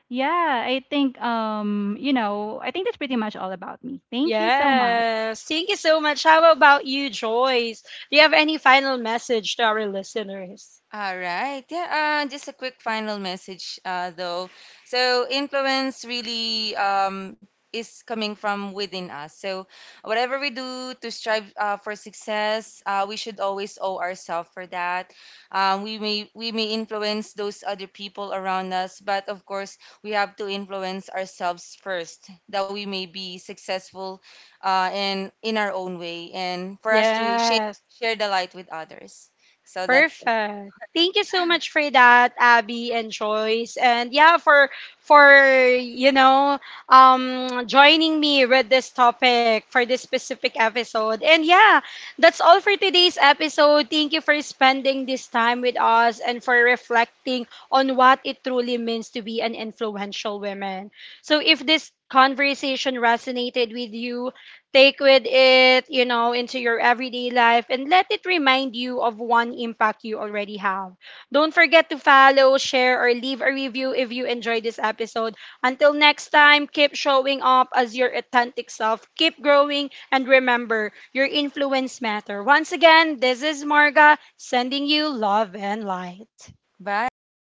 S2: yeah, I think you know, I think that's pretty much all about me. Thank you so much.
S1: Yes. Thank you so much. How about you, Joyce? Do you have any final message to our listeners?
S3: All right. Yeah. Just a quick final message, though. So influence really is coming from within us. So whatever we do to strive for success, we should always owe ourselves for that. We may influence those other people around us, but of course we have to influence ourselves first, that we may be successful, in our own way, and for us to
S1: Yes.
S3: share the light with others. So that's
S1: Perfect. Thank you so much for that, Abby and Joyce. And yeah, for you know, joining me with this topic for this specific episode. And yeah, that's all for today's episode. Thank you for spending this time with us and for reflecting on what it truly means to be an influential woman. So if this conversation resonated with you, take with it, you know, into your everyday life, and let it remind you of one impact you already have. Don't forget to follow, share, or leave a review if you enjoyed this episode. Until next time, keep showing up as your authentic self, keep growing, and remember, your influence matter. Once again, this is Marga sending you love and light.
S3: Bye.